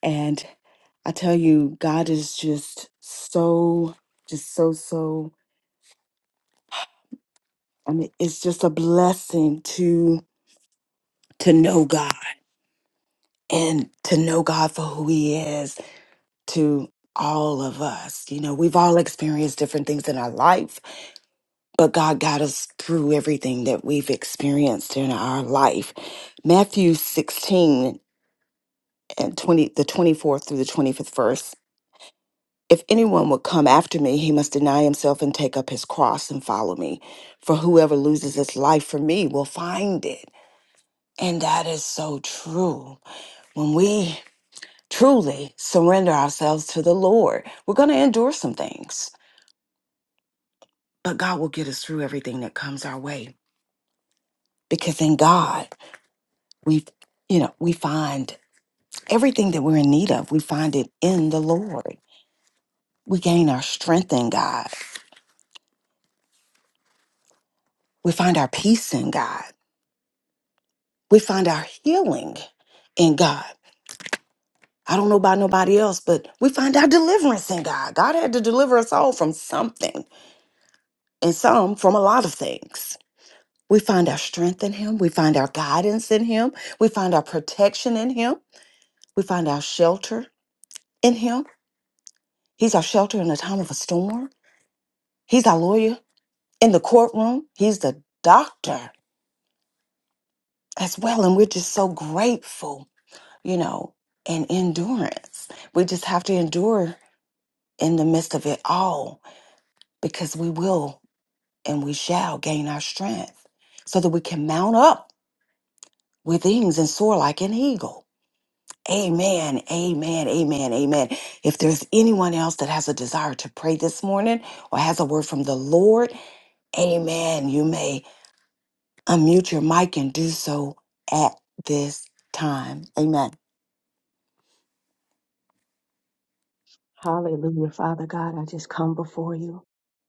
And I tell you, God is just so, just so, so. I mean, it's just a blessing to to know God. and to know God for who He is to all of us. You know, we've all experienced different things in our life, but God got us through everything that we've experienced in our life. Matthew 16 and 20, the 24th through the 25th verse. If anyone would come after me, he must deny himself and take up his cross and follow me. For whoever loses his life for me will find it. And that is so true. When we truly surrender ourselves to the Lord, we're going to endure some things, but God will get us through everything that comes our way because in God, we you know, we find everything that we're in need of, we find it in the Lord. We gain our strength in God. We find our peace in God. We find our healing in God. I don't know about nobody else, but we find our deliverance in God. God had to deliver us all from something and some from a lot of things. We find our strength in Him. We find our guidance in Him. We find our protection in Him. We find our shelter in Him. He's our shelter in the time of a storm. He's our lawyer in the courtroom. He's the doctor as well. And we're just so grateful, you know, and endurance. We just have to endure in the midst of it all because we will and we shall gain our strength so that we can mount up with wings and soar like an eagle. Amen. Amen. Amen. Amen. If there's anyone else that has a desire to pray this morning or has a word from the Lord, amen. You may unmute your mic and do so at this time. Amen. Hallelujah, Father God. I just come before you.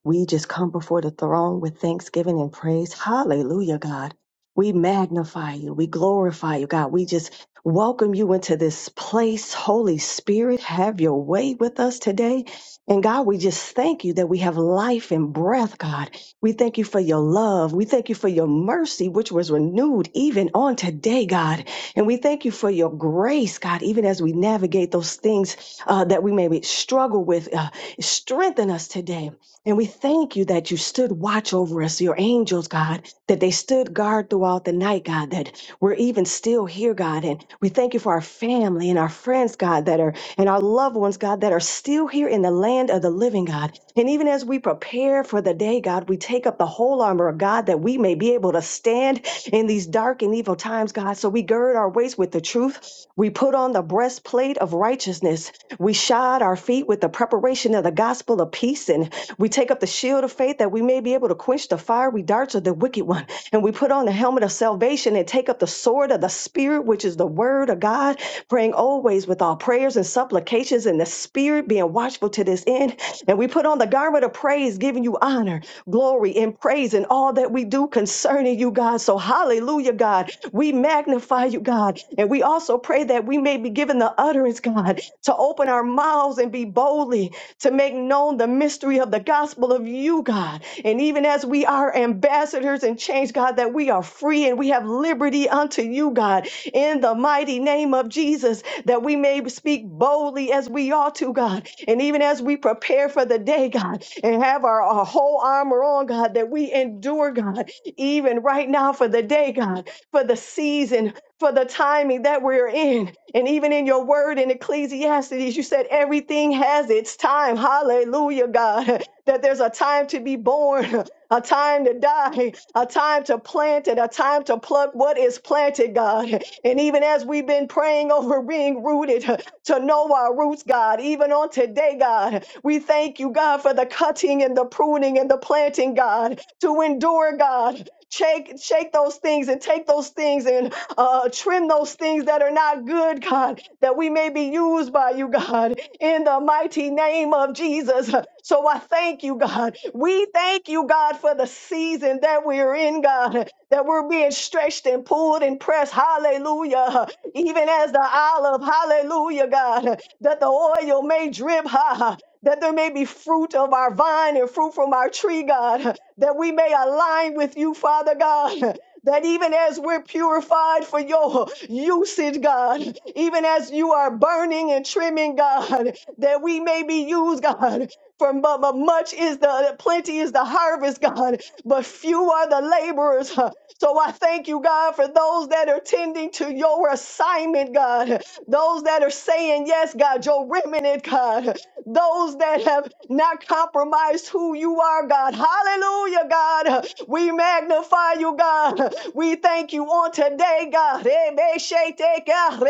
We just come before the throne with thanksgiving and praise. Hallelujah, God. We magnify you. We glorify you, God. We just welcome you into this place. Holy Spirit, have your way with us today. And God, we just thank you that we have life and breath, God. We thank you for your love. We thank you for your mercy, which was renewed even on today, God. And we thank you for your grace, God, even as we navigate those things uh, that we maybe struggle with. Uh, strengthen us today. And we thank you that you stood watch over us, your angels, God, that they stood guard throughout the night, God, that we're even still here, God. And we thank you for our family and our friends, God, that are, and our loved ones, God, that are still here in the land of the living, God. And even as we prepare for the day, God, we take up the whole armor of God that we may be able to stand in these dark and evil times, God. So we gird our waist with the truth. We put on the breastplate of righteousness we shod our feet with the preparation of the gospel of peace, and we take up the shield of faith that we may be able to quench the fiery darts of the wicked one. And we put on the helmet of salvation and take up the sword of the Spirit, which is the word of God, praying always with all prayers and supplications in the Spirit spirit, being watchful to this end. And we put on the garment of praise, giving you honor, glory, and praise in all that we do concerning you, God. So, hallelujah, God. We magnify you, God. And we also pray that we may be given the utterance, God, to open our mouths and be boldly to make known the mystery of the gospel of you, God. And even as we are ambassadors and change, God, that we are free and we have liberty unto you, God, in the mighty name of Jesus, that we may speak boldly as we ought to, God. And even as we prepare for the day, God, and have our, our whole armor on, God, that we endure, God, even right now for the day, God, for the season, for the timing that we're in. And even in your word in Ecclesiastes, you said everything has its time. Hallelujah, God. That there's a time to be born, a time to die, a time to plant, and a time to pluck what is planted, God. And even as we've been praying over being rooted to know our roots, God, even on today, God, we thank you, God, for the cutting and the pruning and the planting, God, to endure, God. Shake, shake those things and take those things and uh, trim those things that are not good, God, that we may be used by you, God, in the mighty name of Jesus. So I thank you, God. We thank you, God, for the season that we're in, God, that we're being stretched and pulled and pressed. Hallelujah. Even as the olive, hallelujah, God, that the oil may drip, ha, ha, that there may be fruit of our vine and fruit from our tree, God, that we may align with you, Father God that even as we're purified for your usage, God, even as you are burning and trimming, God, that we may be used, God. For mu- mu- much is the plenty is the harvest, God, but few are the laborers. huh. So I thank you, God, for those that are tending to your assignment, God. Those that are saying yes, God, your remnant, God those that have not compromised who you are, God. Hallelujah, God. We magnify you, God. We thank you on today, God. Rebeshete, God.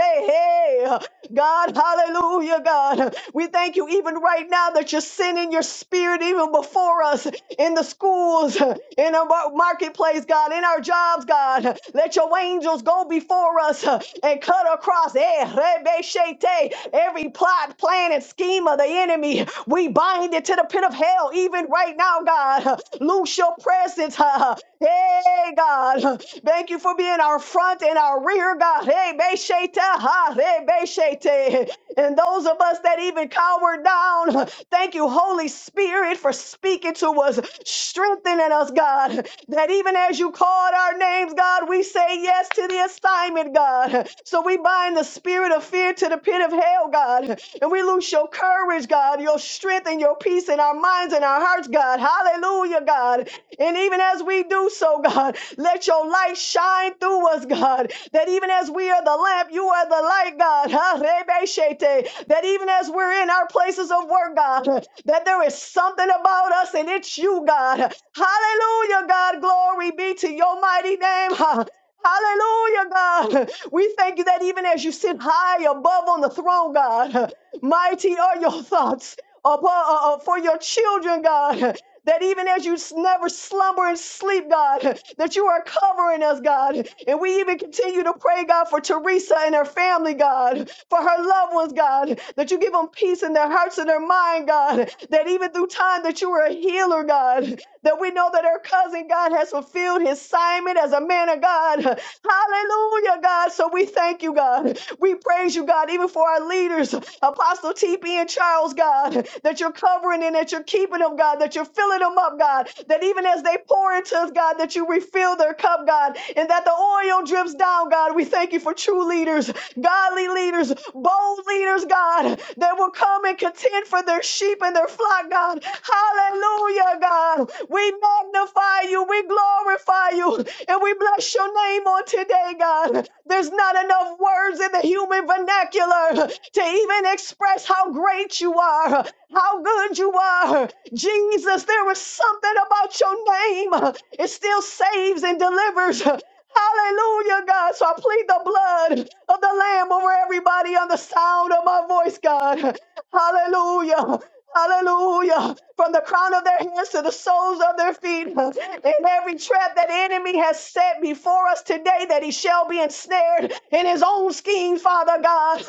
hey. God, hallelujah, God. We thank you even right now that you're sending your spirit even before us in the schools, in our mar- marketplace, God, in our jobs, God. Let your angels go before us uh, and cut across eh, rebe shete, every plot, plan, and scheme of the enemy. We bind it to the pit of hell even right now, God. Loose your presence. uh, Hey, God. Thank you for being our front and our rear, God. Hey, Beshete, ha, hey, Beshete. And those of us that even cower down, thank you, Holy Spirit, for speaking to us, strengthening us, God. That even as you called our names, God, we say yes to the assignment, God. So we bind the spirit of fear to the pit of hell, God. And we loose your your courage, God, your strength and your peace in our minds and our hearts, God. Hallelujah, God. And even as we do so, God, let your light shine through us, God. That even as we are the lamp, you are the light, God. Ha, rebe shete. That even as we're in our places of work, God, that there is something about us and it's you, God. Hallelujah, God. Glory be to your mighty name. Ha. Hallelujah, God. We thank you that even as you sit high above on the throne, God, Mighty are your thoughts upon, uh, uh, for your children, God. That even as you s- never slumber and sleep, God, that you are covering us, God. And we even continue to pray, God, for Teresa and her family, God, for her loved ones, God, that you give them peace in their hearts and their mind, God. That even through time that you are a healer, God, that we know that her cousin, God, has fulfilled his assignment as a man of God. Hallelujah, God. So we thank you, God. We praise you, God, even for our leaders, Apostle TP and Charles, God, that you're covering and that you're keeping them, God, that you're filling them up, God, that even as they pour into us, God, that you refill their cup, God, and that the oil drips down, God. We thank you for true leaders, godly leaders, bold leaders, God, that will come and and contend for their sheep and their flock, God. Hallelujah, God. We magnify you, we glorify you, and we bless your name on today, God. There's not enough words in the human vernacular to even express how great you are, how good you are. Jesus, there is something about your name. It still saves and delivers. Hallelujah, God. So I plead the blood of the Lamb over everybody on the sound of my voice, God. Hallelujah. Hallelujah. From the crown of their heads to the soles of their feet. In every trap that enemy has set before us today, that he shall be ensnared in his own schemes, Father God.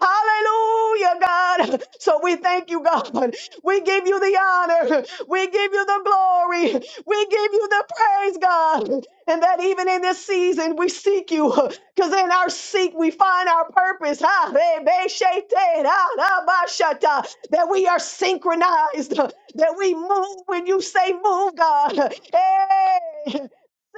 Hallelujah, God. So we thank you, God. We give you the honor. We give you the glory. We give you the praise, God. And that even in this season, we seek you. Because in our seek, we find our purpose. Ha, re, be, she, te, ra, ba, sha, That we are synchronized. That we move when you say move, God. Hey.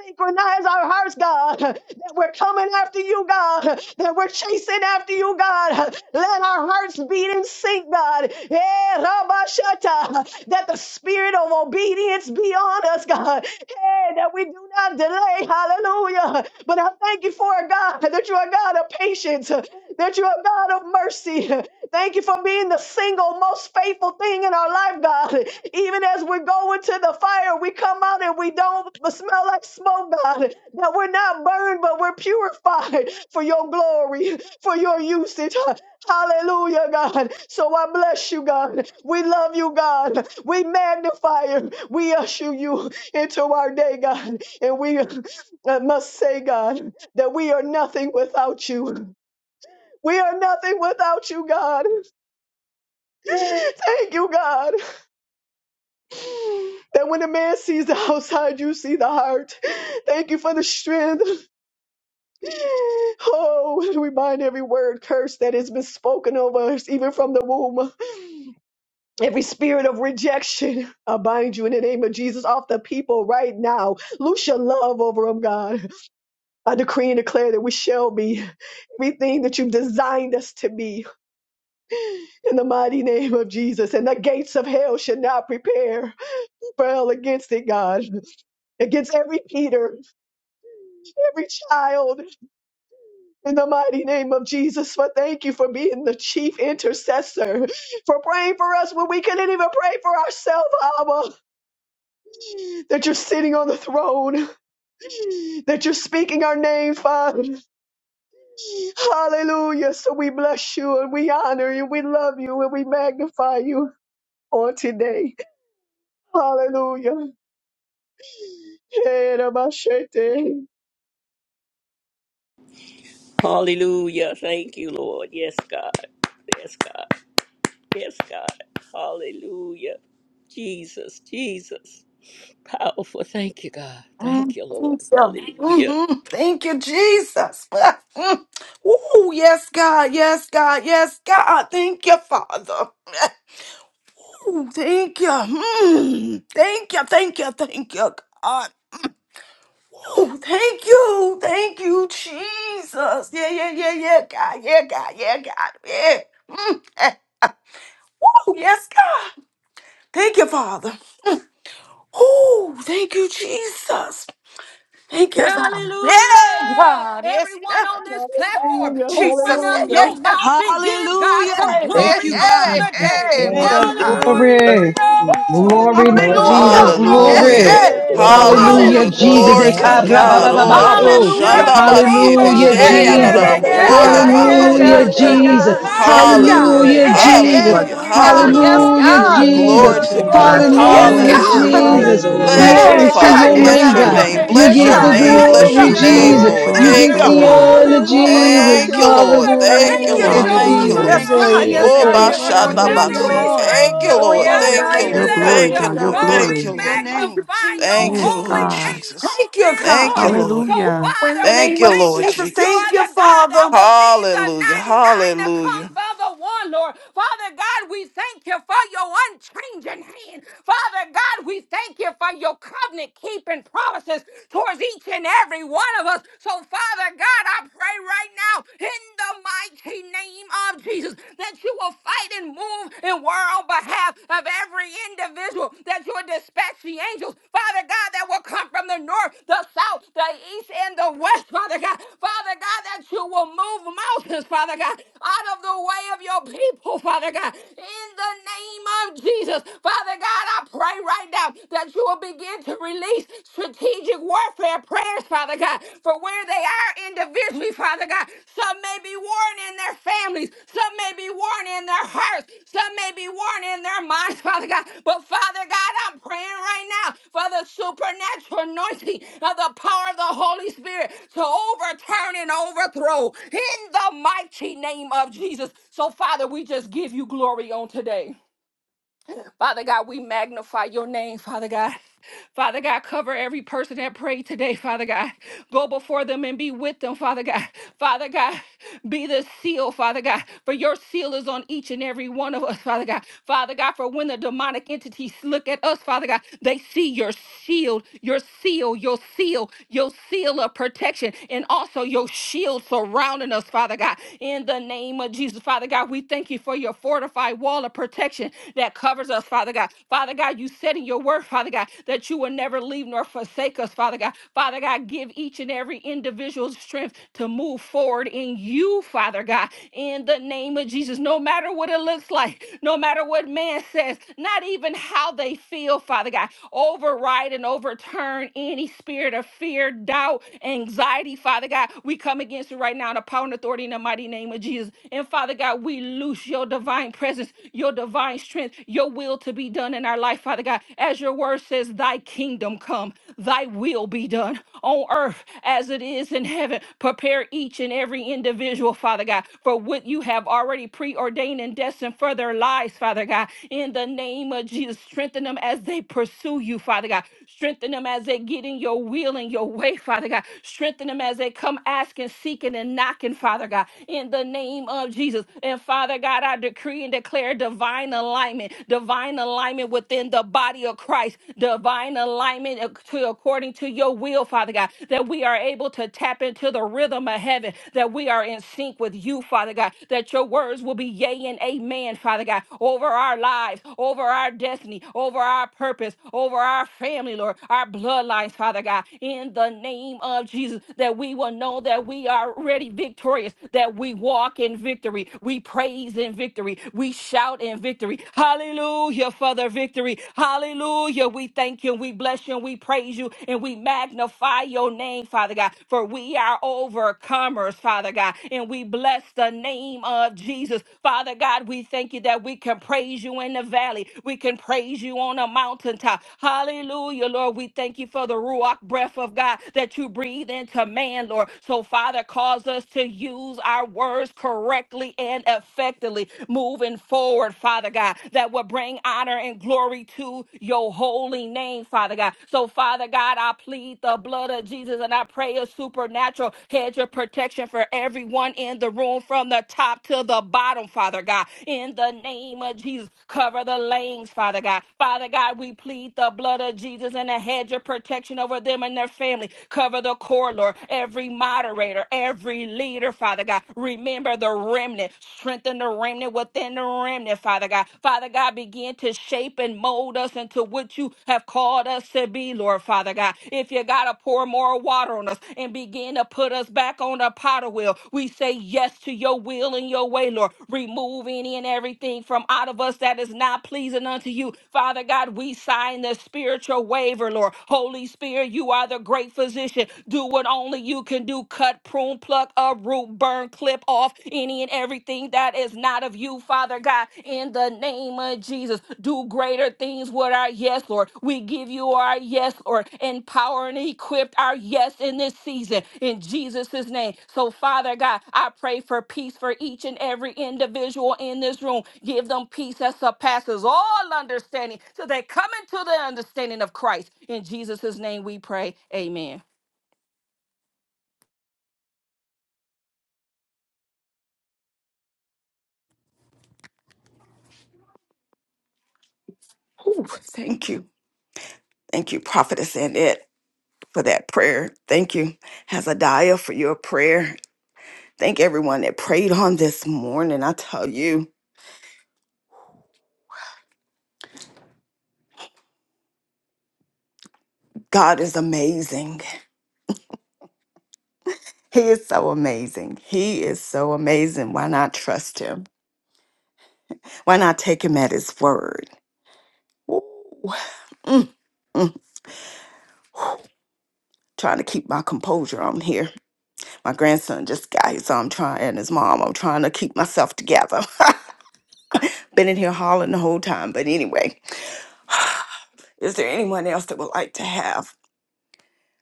Synchronize our hearts, God, that we're coming after you, God, that we're chasing after you, God. Let our hearts beat in sync, God. Eh, Rabashata, That the spirit of obedience be on us, God. Eh, That we do not delay. Hallelujah. But I thank you for it, God, that you are a God of patience, that you are a God of mercy. Thank you for being the the single most faithful thing in our life, God. Even as we're going to the fire, we come out and we don't smell like smoke, God. That we're not burned, but we're purified for your glory, for your usage. Hallelujah, God. So I bless you, God. We love you, God. We magnify you. We usher you into our day, God. And we uh, must say, God, that we are nothing without you. We are nothing without you, God. Thank you, God, that when a man sees the outside, you see the heart. Thank you for the strength. Oh, we bind every word curse that has been spoken over us, even from the womb. Every spirit of rejection, I bind you in the name of Jesus off the people right now. Loose your love over them, God. I decree and declare that we shall be everything that you've designed us to be in the mighty name of Jesus. And the gates of hell should not prepare. Prevail against it, God. Against every Peter, every child in the mighty name of Jesus. For thank you for being the chief intercessor, for praying for us when we couldn't even pray for ourselves, Abba. That you're sitting on the throne, that you're speaking our name, Father. Hallelujah. So we bless you and we honor you, we love you and we magnify you on today. Hallelujah. Hallelujah. Thank you, Lord. Yes, God. Yes, God. Yes, God. Hallelujah. Jesus, Jesus. Powerful. Thank you, God. Mm, Thank you, Lord. Thank you, Hallelujah. Mhm. Thank you, Jesus. Mm. Oh, yes, God. Yes, God. Yes, God. Thank you, Father. Ooh, thank you. Mm. Thank you. Thank you. Thank you, God. Oh, thank you. Thank you, Jesus. Yeah, yeah, yeah, yeah, God. Yeah, God. Yeah, God. Yeah. Mm. eh, ah. Woo, yes, God. Thank you, Father. Oh, thank you, Jesus. Thank you, God. Yeah, Hallelujah! God. Yes, Everyone God. on this platform, Hallelujah, open Jesus. up Yeah, yeah, hallelujah, your yeah. mouth and give God Hallelujah. some Hey, Thank hey, Thank glory you, you, on God. hey, Jesus, today. hey. Lord. Thank Yes, Jesus, you, God. Jesus, Lord. thank glory, you. Glory to Woo. your Hallelujah! name, glory, Lord Glory, hallelujah. Jesus, Hallelujah. Glory, Glory! God. Yeah, glory, glory, Hallelujah. glory. yeah. glory, Hallelujah. Hey, Thank glory. you, glory, Lord. Hallelujah, Hallelujah. Hallelujah, Jesus. glory. Glory to Hallelujah. Jesus. Thank you, Yeah, Hallelujah! God. Lord. God. Hallelujah, Ora ba Yeah. Ekarababababasu. Hallelujah. Thank shanda you, Quiero hallelujah, ba God. di ete robo, Yeah, she Hallelujah, yeah, Thank ya Hallelujah. la yeah, hallelujah, una la Jesus. yeah, la you, shendere, baba bo. yeah, Lord. Oh, hallelujah, Thank ya quiero you, God, ma ni yeah, Lord. ete de Lord, Hallelujah, God, bo robo, yeah, thank si. Oh, you for Jesus. shakererererererere. God. the glory to Yes, your blessings, name, God. Hallelujah. God. Lord. Hallelujah, Yeah, Thank you for Jesus. my You're yeah, Hallelujah. Hallelujah! yeah, worthy, God, children, God. Hallelujah. yes, Lord. You're Hallelujah, Glory! God. worthy. Thank You're Hallelujah. you Jesus. Glory worthy. to Woo, for You're my Oh, God. Yes, una worthy, yes, Lord. mama Hallelujah, Glory God. Hallelujah! to his God. Hallelujah. family, Mighty Jesus. word. name. Lord. Bless We Hallelujah. you, Mighty Glory shakererererererere. Hey, to Father. God, your hey, Thank Yes, Hallelujah, Bless name, God, magnify your you. yeah, God. your God. name. God. yeah, name. You Bless yes, your get Oh, Father the God. Hallelujah. name. thank God, Thank we you, Bless you, your glory, give you Hallelujah. Jesus. name, Jesus. all Glory, the Lord. You glory, thank Hey, get Thank honor, you, you, the Lord. all glory. honor, the una mama glory, Hallelujah. and Jesus. Thank you, Uh, all Lord. the praise. thank Thank you, you, thank you, Hallelujah, It Lord. Lord. Thank all you, Jesus. shakererererererere. Hallelujah. Lord. Yes, Thank you, belongs God, to Lord. yes, Oh, Thank God, you, Jesus. you, yes, Lord. God, Lord. Thank yes, Oh, Father, you, God. Bashanabati. Yes, we Lord. thank Thank God. you. you, Oh, Lord. yes, Glory Father, una Thank to God, you, mama we your Your Lord. yes, name, bless God. God, glory, Thank you. you, yes, God. Your Lord. God. Father, Glory we Thank to you, glory. your Lord. Thank you, name. magnify your Thank you, Jesus. Yes, Lord holy name God. name Jesus. on Thank you, this Thank God. you, morning. So, Lord. Hallelujah. In the Father, we Thank name you, of thank Lord you. Jesus, You Jesus. thank are you, the God that Father. will leave the Hallelujah. 99 to come Hallelujah. for the one, Lord. Father God, we thank you for your unchanging hand. Father God, we thank you for your covenant keeping promises towards each and every one of us. So, Father God, I pray right now in the mighty name of Jesus that you will fight and move and war on behalf of every individual, that you will dispatch the angels, Father God, that will will come from the north, the south, the east, and the west, Father God. Father God, that you will move mountains, Father God, out of the way of your people, Father God. In the name of Jesus, Father God, I pray right now that you will begin to release strategic warfare prayers, Father God, for where they are individually, Father God. Some may be worn in their families. Some may be worn in their hearts. Some may be worn in their minds, Father God. But Father God, I'm praying right now for the supernatural anointing of the power of the Holy Spirit to overturn and overthrow in the mighty name of Jesus. So, Father, we just give you glory on today. Father God, we magnify your name, Father God. Father God, cover every person that prayed today, Father God. Go before them and be with them, Father God. Father God, be the seal, Father God, for your seal is on each and every one of us, Father God. Father God, for when the demonic entities look at us, Father God, they see your shield, your seal, your seal, your seal of protection, and also your shield surrounding us, Father God. In the name of Jesus, Father God, we thank you for your fortified wall of protection protection that covers us, Father God. Father God, you said in your word, Father God, that you will never leave nor forsake us, Father God. Father God, give each and every individual strength to move forward in you, Father God, in the name of Jesus. No matter what it looks like, no matter what man says, not even how they feel, Father God, override and overturn any spirit of fear, doubt, anxiety, Father God. We come against it right now in the power and authority in the mighty name of Jesus. And Father God, we loose your divine divine presence, your divine strength, your will to be done in our life, Father God. As your word says, Thy kingdom come, Thy will be done on earth as it is in heaven. Prepare each and every individual, Father God, for what you have already preordained and destined for their lives, Father God. In the name of Jesus, strengthen them as they pursue you, Father God. Strengthen them as they get in your will and your way, Father God. Strengthen them as they come asking, seeking, and knocking, Father God. In the name of Jesus. and. And Father God, I decree and declare divine alignment, divine alignment within the body of Christ, divine alignment ac- to according to your will, Father God, that we are able to tap into the rhythm of heaven, that we are in sync with you, Father God, that your words will be yea and amen, Father God, over our lives, over our destiny, over our purpose, over our family, Lord, our bloodlines, Father God, in the name of Jesus, that we will know that we are already victorious, that we walk walk in victory. We praise in victory. We shout in victory. Hallelujah for the victory. Hallelujah. We thank you. We bless you. We praise you. And we magnify your name, Father God. For we are overcomers, Father God. And we bless the name of Jesus. Father God, we thank you that we can praise you in the valley. We can praise you on a mountaintop. Hallelujah, Lord. We thank you for the Ruach breath of God that you breathe into man, Lord. So, Father, cause us to use our words correctly and effectively moving forward, Father God, that will bring honor and glory to your holy name, Father God. So, Father God, I plead the blood of Jesus and I pray a supernatural hedge of protection for everyone in the room from the top to the bottom, Father God. In the name of Jesus, cover the lanes, Father God. Father God, we plead the blood of Jesus and a hedge of protection over them and their family. Cover the corridor, every moderator, moderator, every leader, Father God. Remember the remnant. Strengthen the remnant within the remnant, Father God. Father God, begin to shape and mold us into what you have called us to be, Lord, Father God. If you got to pour more water on us and begin to put us back on the potter wheel, we say yes to your will and your way, Lord. Remove any and everything from out of us that is not pleasing unto you. Father God, we sign the spiritual waiver, Lord. Holy Spirit, you are the great physician. Do what only only you can do cut, prune, pluck, uproot, burn, clip off any and everything that is not of you, Father God, in the name of Jesus. Do greater things with our yes, Lord. We give you our yes, Lord. Empower and equip our yes in this season in Jesus' name. So, Father God, I pray for peace for each and every individual in this room. Give them peace that surpasses all understanding so they come into the understanding of Christ. In Jesus' name we pray. Amen. Ooh, thank you. Thank you, Prophetess and it. for that prayer. Thank you, Hazadiah, for your prayer. Thank everyone that prayed on this morning. I tell you, God is amazing. He is so amazing. He is so amazing. Why not trust him? Why not take him at his word? Ooh. Mm, mm. Trying to keep my composure on here. My grandson just got here, so I'm trying, and his mom, I'm trying to keep myself together. Been in here hollering the whole time. But anyway, is there anyone else that would like to have?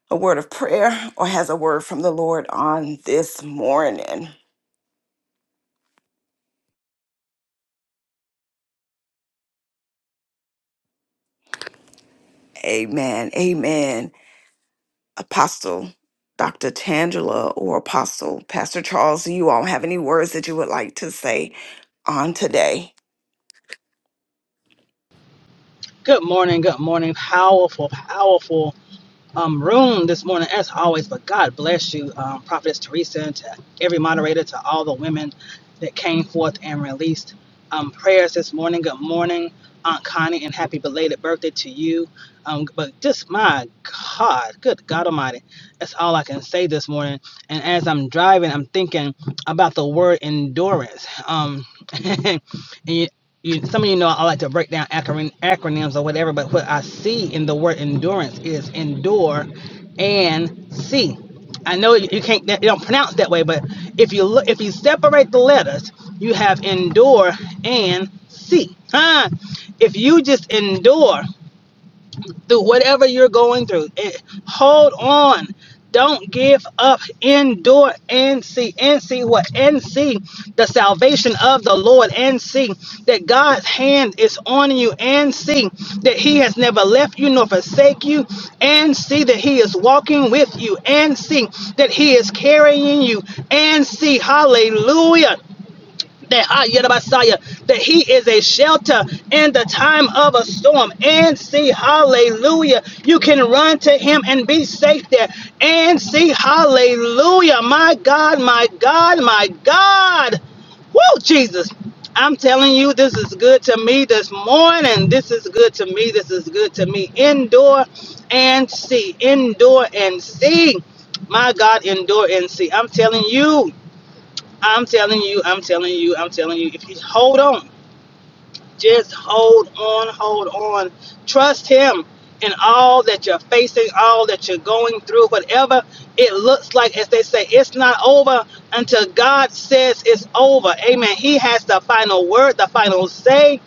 a word of prayer or has a word from the Lord on this morning. Amen. Amen. Apostle Dr. Tangela or Apostle Pastor Charles, do you all have any words that you would like to say on today? Good morning, good morning. Powerful, powerful um, room this morning, as always. But God bless you, um, Prophetess Teresa, and to every moderator, to all the women that came forth and released um, prayers this morning. Good morning, Aunt Connie, and happy belated birthday to you. Um, but just my God, good God Almighty, that's all I can say this morning and as I'm driving, I'm thinking about the word endurance. Um, and you, you, some of you know I like to break down acron- acronyms or whatever, but what I see in the word endurance is endure and see. I know you can't you don't pronounce that way, but if you look if you separate the letters, you have endure and see. Huh? If you just endure through whatever you're going through. It, hold on. Don't give up. Endure and see and see what and see the salvation of the Lord and see that God's hand is on you and see that He has never left you nor forsake you and see that He is walking with you and see that He is carrying you and see hallelujah that ah, yada Messiah, that he is a shelter in the time of a storm. And see, hallelujah. You can run to him and be safe there. And see, hallelujah. My God, my God, my God. Woo, Jesus. I'm telling you, this is good to me this morning. This is good to me. This is good to me. Endure and see. Endure and see. My God, endure and see. I'm telling you. I'm telling you, I'm telling you, I'm telling you, if you hold on, just hold on, hold on. Trust him in all that you're facing, all that you're going through, whatever it looks like, as they say, it's not over until God says it's over. Amen. He has the final word, the final say.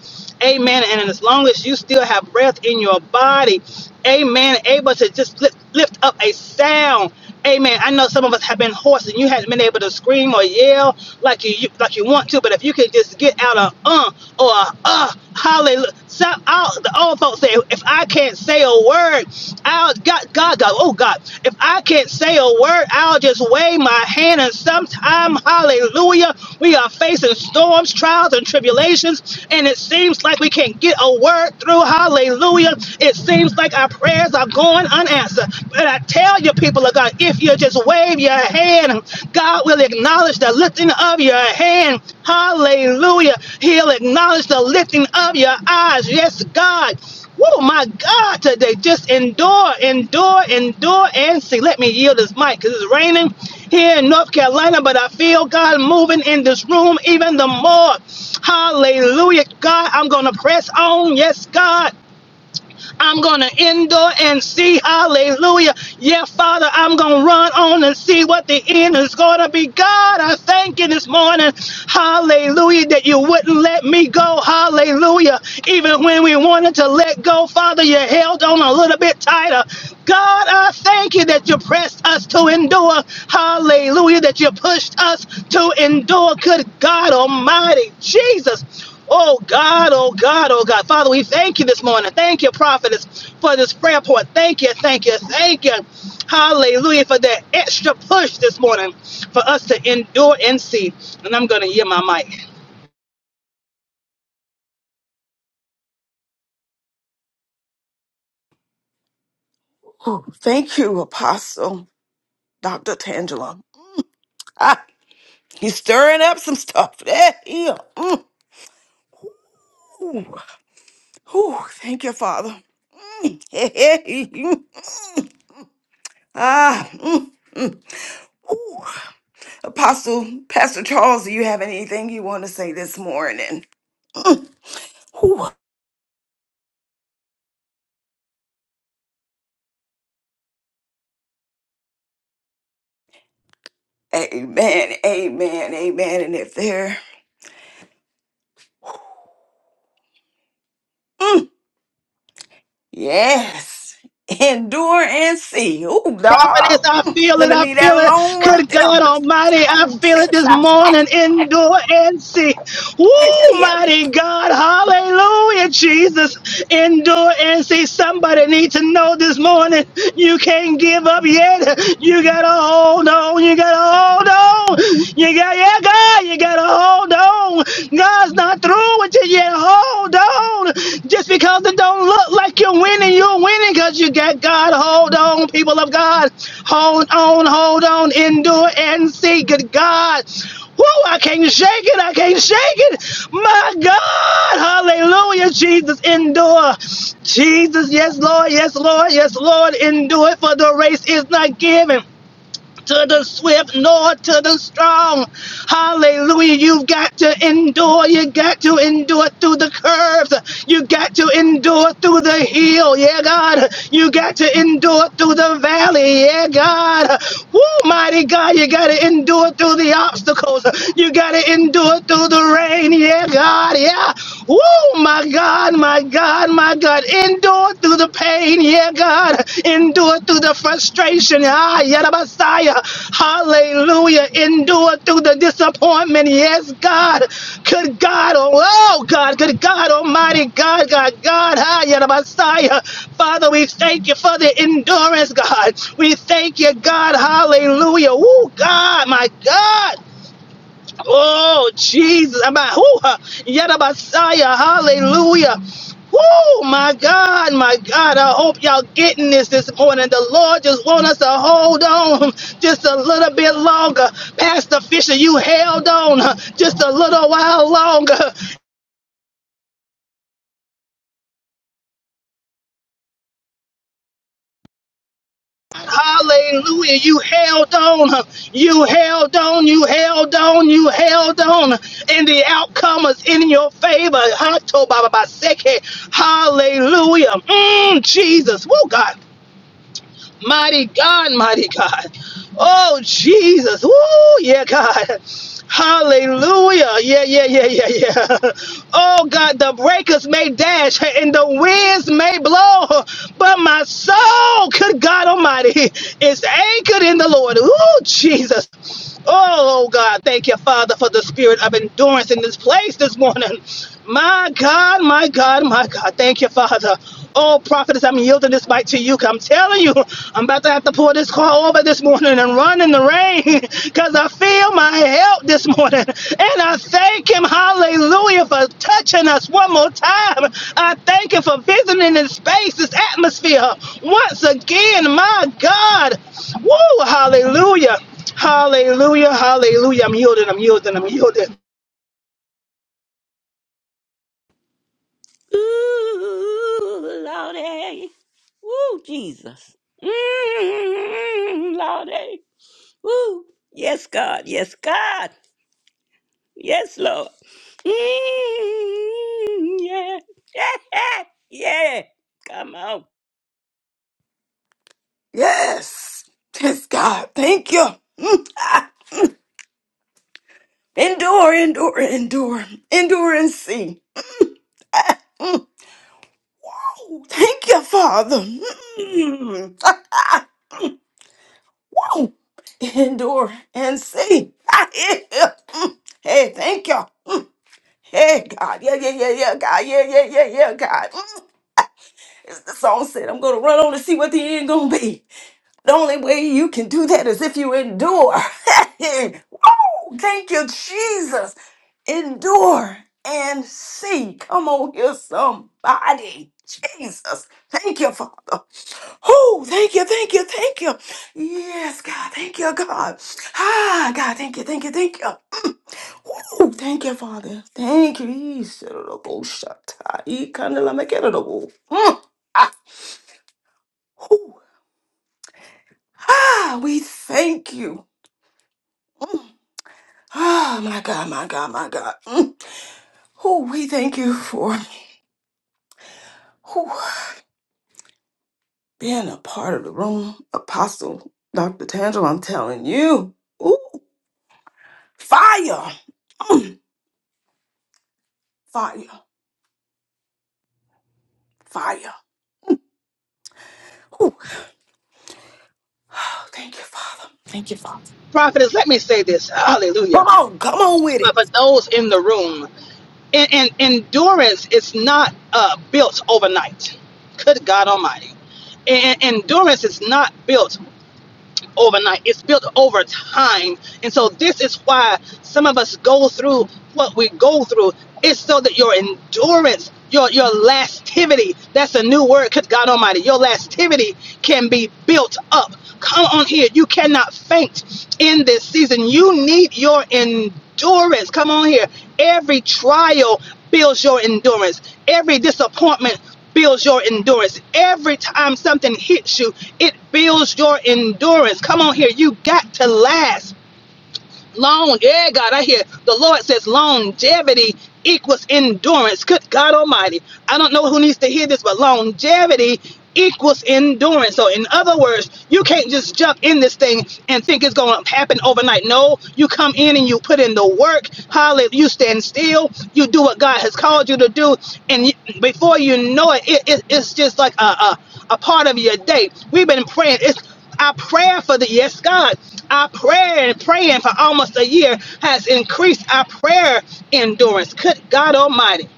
Amen. And as long as you still have breath in your body, amen, able to just lift, lift up a sound. Amen. I know some of us have been hoarse and you haven't been able to scream or yell like you, you like you want to, but if you can just get out a uh or a uh Hallelujah. Some all the old folks say, if I can't say a word, I'll God God God, oh God, if I can't say a word, I'll just wave my hand and sometime, hallelujah, we are facing storms, trials, and tribulations, and it seems like we can't get a word through. Hallelujah. It seems like our prayers are going unanswered. But I tell you, people of God, if you just wave your hand hand. God will acknowledge the lifting of your hand. Hallelujah. He'll acknowledge the lifting of your eyes. Yes, God. Oh my God, today just endure, endure, endure, and see. Let me yield this mic because it's raining here in North Carolina, but I feel God moving in this room even the more. Hallelujah, God. I'm going to press on. Yes, God. I'm gonna endure and see. Hallelujah. Yeah, Father, I'm gonna run on and see what the end is gonna be. God, I thank you this morning. Hallelujah, that you wouldn't let me go. Hallelujah. Even when we wanted to let go, Father, you held on a little bit tighter. God, I thank you that you pressed us to endure. Hallelujah, that you pushed us to endure. Good God Almighty, Jesus. Oh God, oh God, oh God. Father, we thank you this morning. Thank you, prophetess, for this prayer point. Thank you, thank you, thank you. Hallelujah for that extra push this morning for us to endure and see. And I'm going to hear my mic. Oh, thank you, Apostle Dr. Tangela. Ah, he's stirring up some stuff. Eh, yeah. Mm. Ooh. Ooh, thank you, Father. Mm. Ah, mm, mm. Ooh. Apostle Pastor Charles, do you have anything you want to say this morning? Whew. Amen, amen, amen. And if there, mm, yes, endure and see. Ooh, prophetess. dog. I Mm, feel let it. me I leave that feel it. alone right Good there. God Almighty, I Oh, feel it Jesus. this morning, indoor and see. Woo, mighty God. Hallelujah, Jesus. Indoor and see. Somebody needs to know this morning you can't give up yet. You got to hold on. You got to hold on. You got, yeah, God, you got to hold on. God's not through with to you. Hold on. Just because it don't look like you're winning, you're winning because you got God. Hold on, people of God. Hold on, hold on. Endure and see. Good God. Whoa, I can't shake it. I can't shake it. My God. Hallelujah. Jesus, endure. Jesus, yes, Lord. Yes, Lord. Yes, Lord. Endure, for the race is not given to the swift nor to the strong. Hallelujah. You've got to endure. You got to endure through the curves. You got to endure through the hill. Yeah, God. You got to endure through the valley. Yeah, God. Woo, mighty God. You got to endure through the obstacles. You got to endure through the rain. Yeah, God. Yeah. Woo, my God, my God. God, my God, endure through the pain, yeah, God, endure through the frustration, ah, yeah, the Messiah, hallelujah, endure through the disappointment, yes, God, could God, oh, oh, God, could God, Almighty God, God, God, ah, yeah, the Messiah, Father, we thank you for the endurance, God, we thank you, God, hallelujah, oh, God, my God. Oh, Jesus. I'm at, whoo, huh, Messiah. Hallelujah. Oh my God, my God. I hope y'all getting this this morning. The Lord just want us to hold on just a little bit longer. Pastor Fisher, you held on just a little while longer. Hallelujah. You held on. You held on. You held on. You held on. And the outcome is in your favor. Hato Baba Baseke. Hallelujah. Mm, Jesus. Woo, God. Mighty God, mighty God. Oh, Jesus. Oh, yeah, God. Hallelujah. Yeah, yeah, yeah, yeah, yeah. Oh, God, the breakers may dash and the winds may blow, but my soul, good God Almighty, is anchored in the Lord. Oh, Jesus. Oh, oh, God, thank you, Father, for the spirit of endurance in this place this morning. My God, my God, my God, thank you, Father. Oh, prophetess, I'm yielding this mic to you. 'cause I'm telling you, I'm about to have to pull this car over this morning and run in the rain because I feel my help this morning. And I thank him, hallelujah, for touching us one more time. I thank him for visiting this space, this atmosphere once again. My God. Woo, hallelujah. Hallelujah, hallelujah. I'm yielding, I'm yielding, I'm yielding. Ooh, Lordy. Ooh, Jesus. Mm, Lordy. Ooh. Yes, God. Yes, God. Yes, Lord. Mm, yeah. Yeah. Come on. Yes, yes, God. Thank you. Mm. Endure, endure, endure, endure and see. Thank you, Father. Mm. Wow. Endure and see. Ah, yeah. Mm. Hey, thank you. Mm. Hey, God. Yeah, yeah, yeah, yeah, God. Yeah, yeah, yeah, yeah, God. Mm. As the song said, I'm going to run on to see what the end going to be. The only way you can do that is if you endure. Woo! Thank you, Jesus. Endure and see. Come on here, somebody. Jesus. Thank you, Father. Oh, thank you, thank you, thank you. Yes, God. Thank you, God. Ah, God. Thank you, thank you, thank you. Mm. Woo! thank you, Father. Thank you. Mm. Ah, Woo. Ah, we thank you. Oh my God, my God, my God. Mm. Who we thank you for who being a part of the room, Apostle Dr. Tangel. I'm telling you, ooh, fire, Mm. fire, fire. Ooh. Oh, thank you, Father. Thank you. Prophetess, let me say this. Hallelujah. Come on, come on with But it. for those in the room. and, and endurance is not uh, built overnight. Good God Almighty. And, and endurance is not built built overnight. It's built over time. And so this is why some of us go through what we go through. It's so that your endurance, your your lastivity, that's a new word, because God Almighty, your lastivity can be built up. Come on here. You cannot faint in this season. You need your endurance. Come on here. Every trial builds your endurance. Every disappointment builds your endurance. Every time something hits you, it builds your endurance. Come on here, you got to last. Long, yeah, God, I hear the Lord says longevity equals endurance. Good God Almighty. I don't know who needs to hear this, but longevity equals endurance. So, in other words, you can't just jump in this thing and think it's going to happen overnight. No, you come in and you put in the work. Hallelujah. You stand still. You do what God has called you to do. And you, before you know it, it, it- it's just like a, a, a part of your day. We've been praying. It's our prayer for the yes, God. Our prayer and praying for almost a year has increased our prayer endurance. Could God Almighty.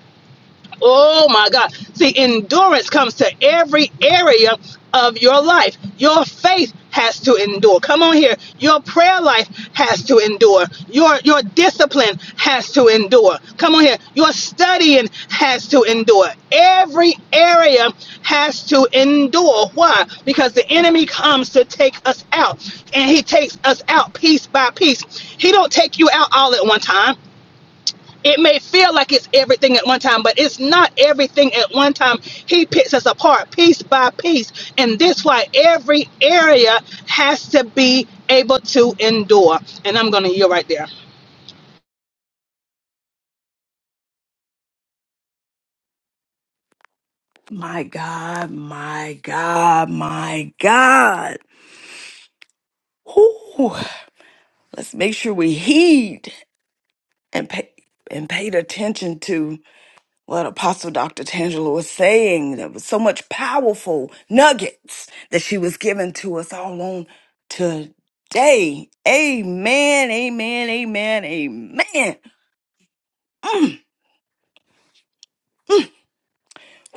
Oh my God. See, endurance comes to every area of your life. Your faith has to endure. Come on here. Your prayer life has to endure. Your your discipline has to endure. Come on here. Your studying has to endure. Every area has to endure. Why? Because the enemy comes to take us out. And he takes us out piece by piece. He don't take you out all at one time. It may feel like it's everything at one time, but it's not everything at one time. He picks us apart piece by piece. And that's why every area has to be able to endure. And I'm going to yield right there. My God, my God, my God. Ooh. Let's make sure we heed and pay and paid attention to what Apostle Dr. Tangela was saying. There was so much powerful nuggets that she was giving to us all on today. Amen, amen, amen, amen.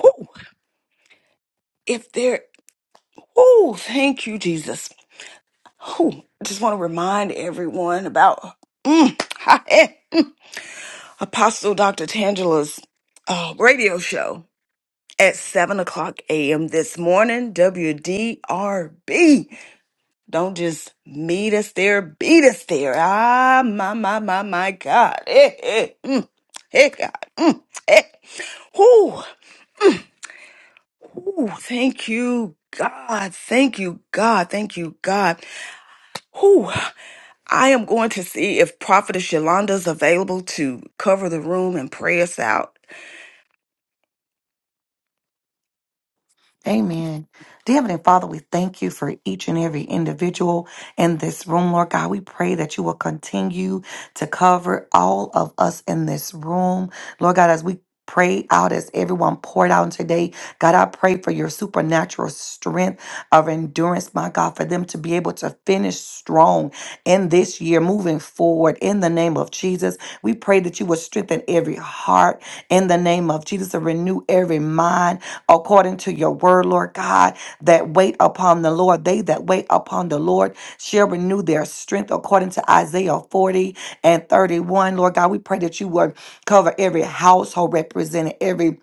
Woo. If there, oh, thank you, Jesus. Whew. I just want to remind everyone about mm, Apostle Dr. Tangela's uh, radio show at 7 o'clock a.m. this morning, WDRB. Don't just meet us there, beat us there. Ah, my, my, my, my God. Hey, hey, mm, hey God. Mm, hey. Whew. Ooh, thank you, God. Thank you, God. Thank you, God. Whew. I am going to see if Prophetess Yolanda is available to cover the room and pray us out. Amen. Dear Heavenly Father, we thank you for each and every individual in this room, Lord God. We pray that you will continue to cover all of us in this room, Lord God, as we pray out as everyone poured out today. God, I pray for your supernatural strength of endurance, my God, for them to be able to finish strong in this year, moving forward in the name of Jesus. We pray that you will strengthen every heart in the name of Jesus and renew every mind according to your word, Lord God, that wait upon the Lord. They that wait upon the Lord shall renew their strength according to Isaiah 40 and 31. Lord God, we pray that you would cover every household represented, every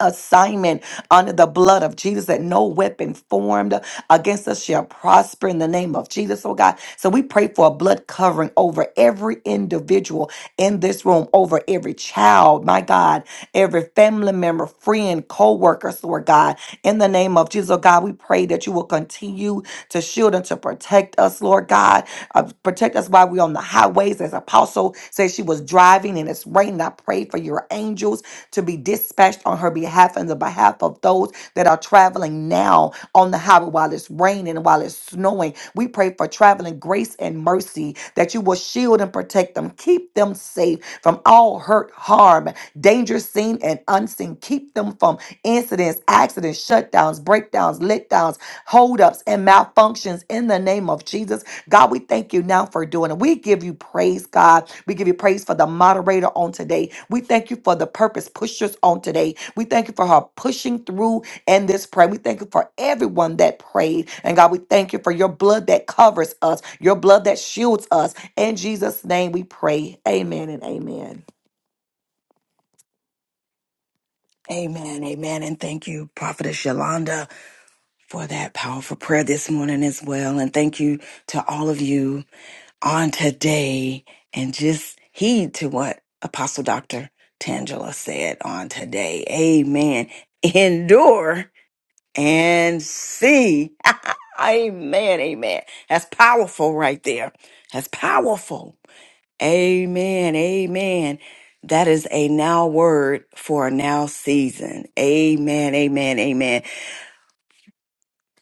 assignment under the blood of Jesus that no weapon formed against us shall prosper in the name of Jesus, oh God. So we pray for a blood covering over every individual in this room, over every child, my God, every family member, friend, co-worker, so Lord God. In the name of Jesus, oh God, we pray that you will continue to shield and to protect us, Lord God. Uh, protect us while we're on the highways. As Apostle said, she was driving and it's raining. I pray for your angels to be dispatched on her behalf and the behalf of those that are traveling now on the highway while it's raining and while it's snowing. We pray for traveling grace and mercy that you will shield and protect them, keep them safe from all hurt, harm, danger seen and unseen. Keep them from incidents, accidents, shutdowns, breakdowns, letdowns, holdups, and malfunctions in the name of Jesus God, we thank you now for doing it. We give you praise, God. We give you praise for the moderator on today. We thank you for the purpose pushers on today. We thank you for her pushing through in this prayer. We thank you for everyone that prayed. And God, we thank you for your blood that covers us, your blood that shields us. In Jesus' name we pray. Amen and amen. Amen, amen, and thank you, Prophetess Yolanda. for that powerful prayer this morning as well. And thank you to all of you on today and just heed to what Apostle Dr. Tangela said on today. Amen. Endure and see. amen. Amen. That's powerful right there. That's powerful. Amen. Amen. That is a now word for a now season. Amen. Amen. Amen.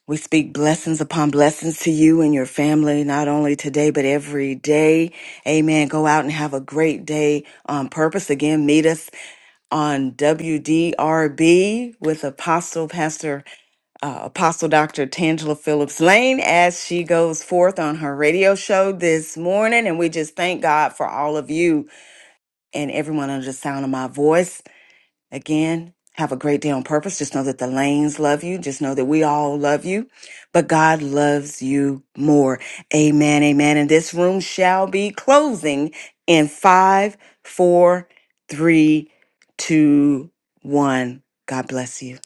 We speak blessings upon blessings to you and your family, not only today, but every day. Amen. Go out and have a great day on purpose. Again, meet us on WDRB with Apostle Pastor, uh, Apostle Dr. Tangela Phillips Lane as she goes forth on her radio show this morning. And we just thank God for all of you and everyone under the sound of my voice. Again, have a great day on purpose. Just know that the lanes love you. Just know that we all love you, but God loves you more. Amen. Amen. And this room shall be closing in five, four, three, two, one. God bless you.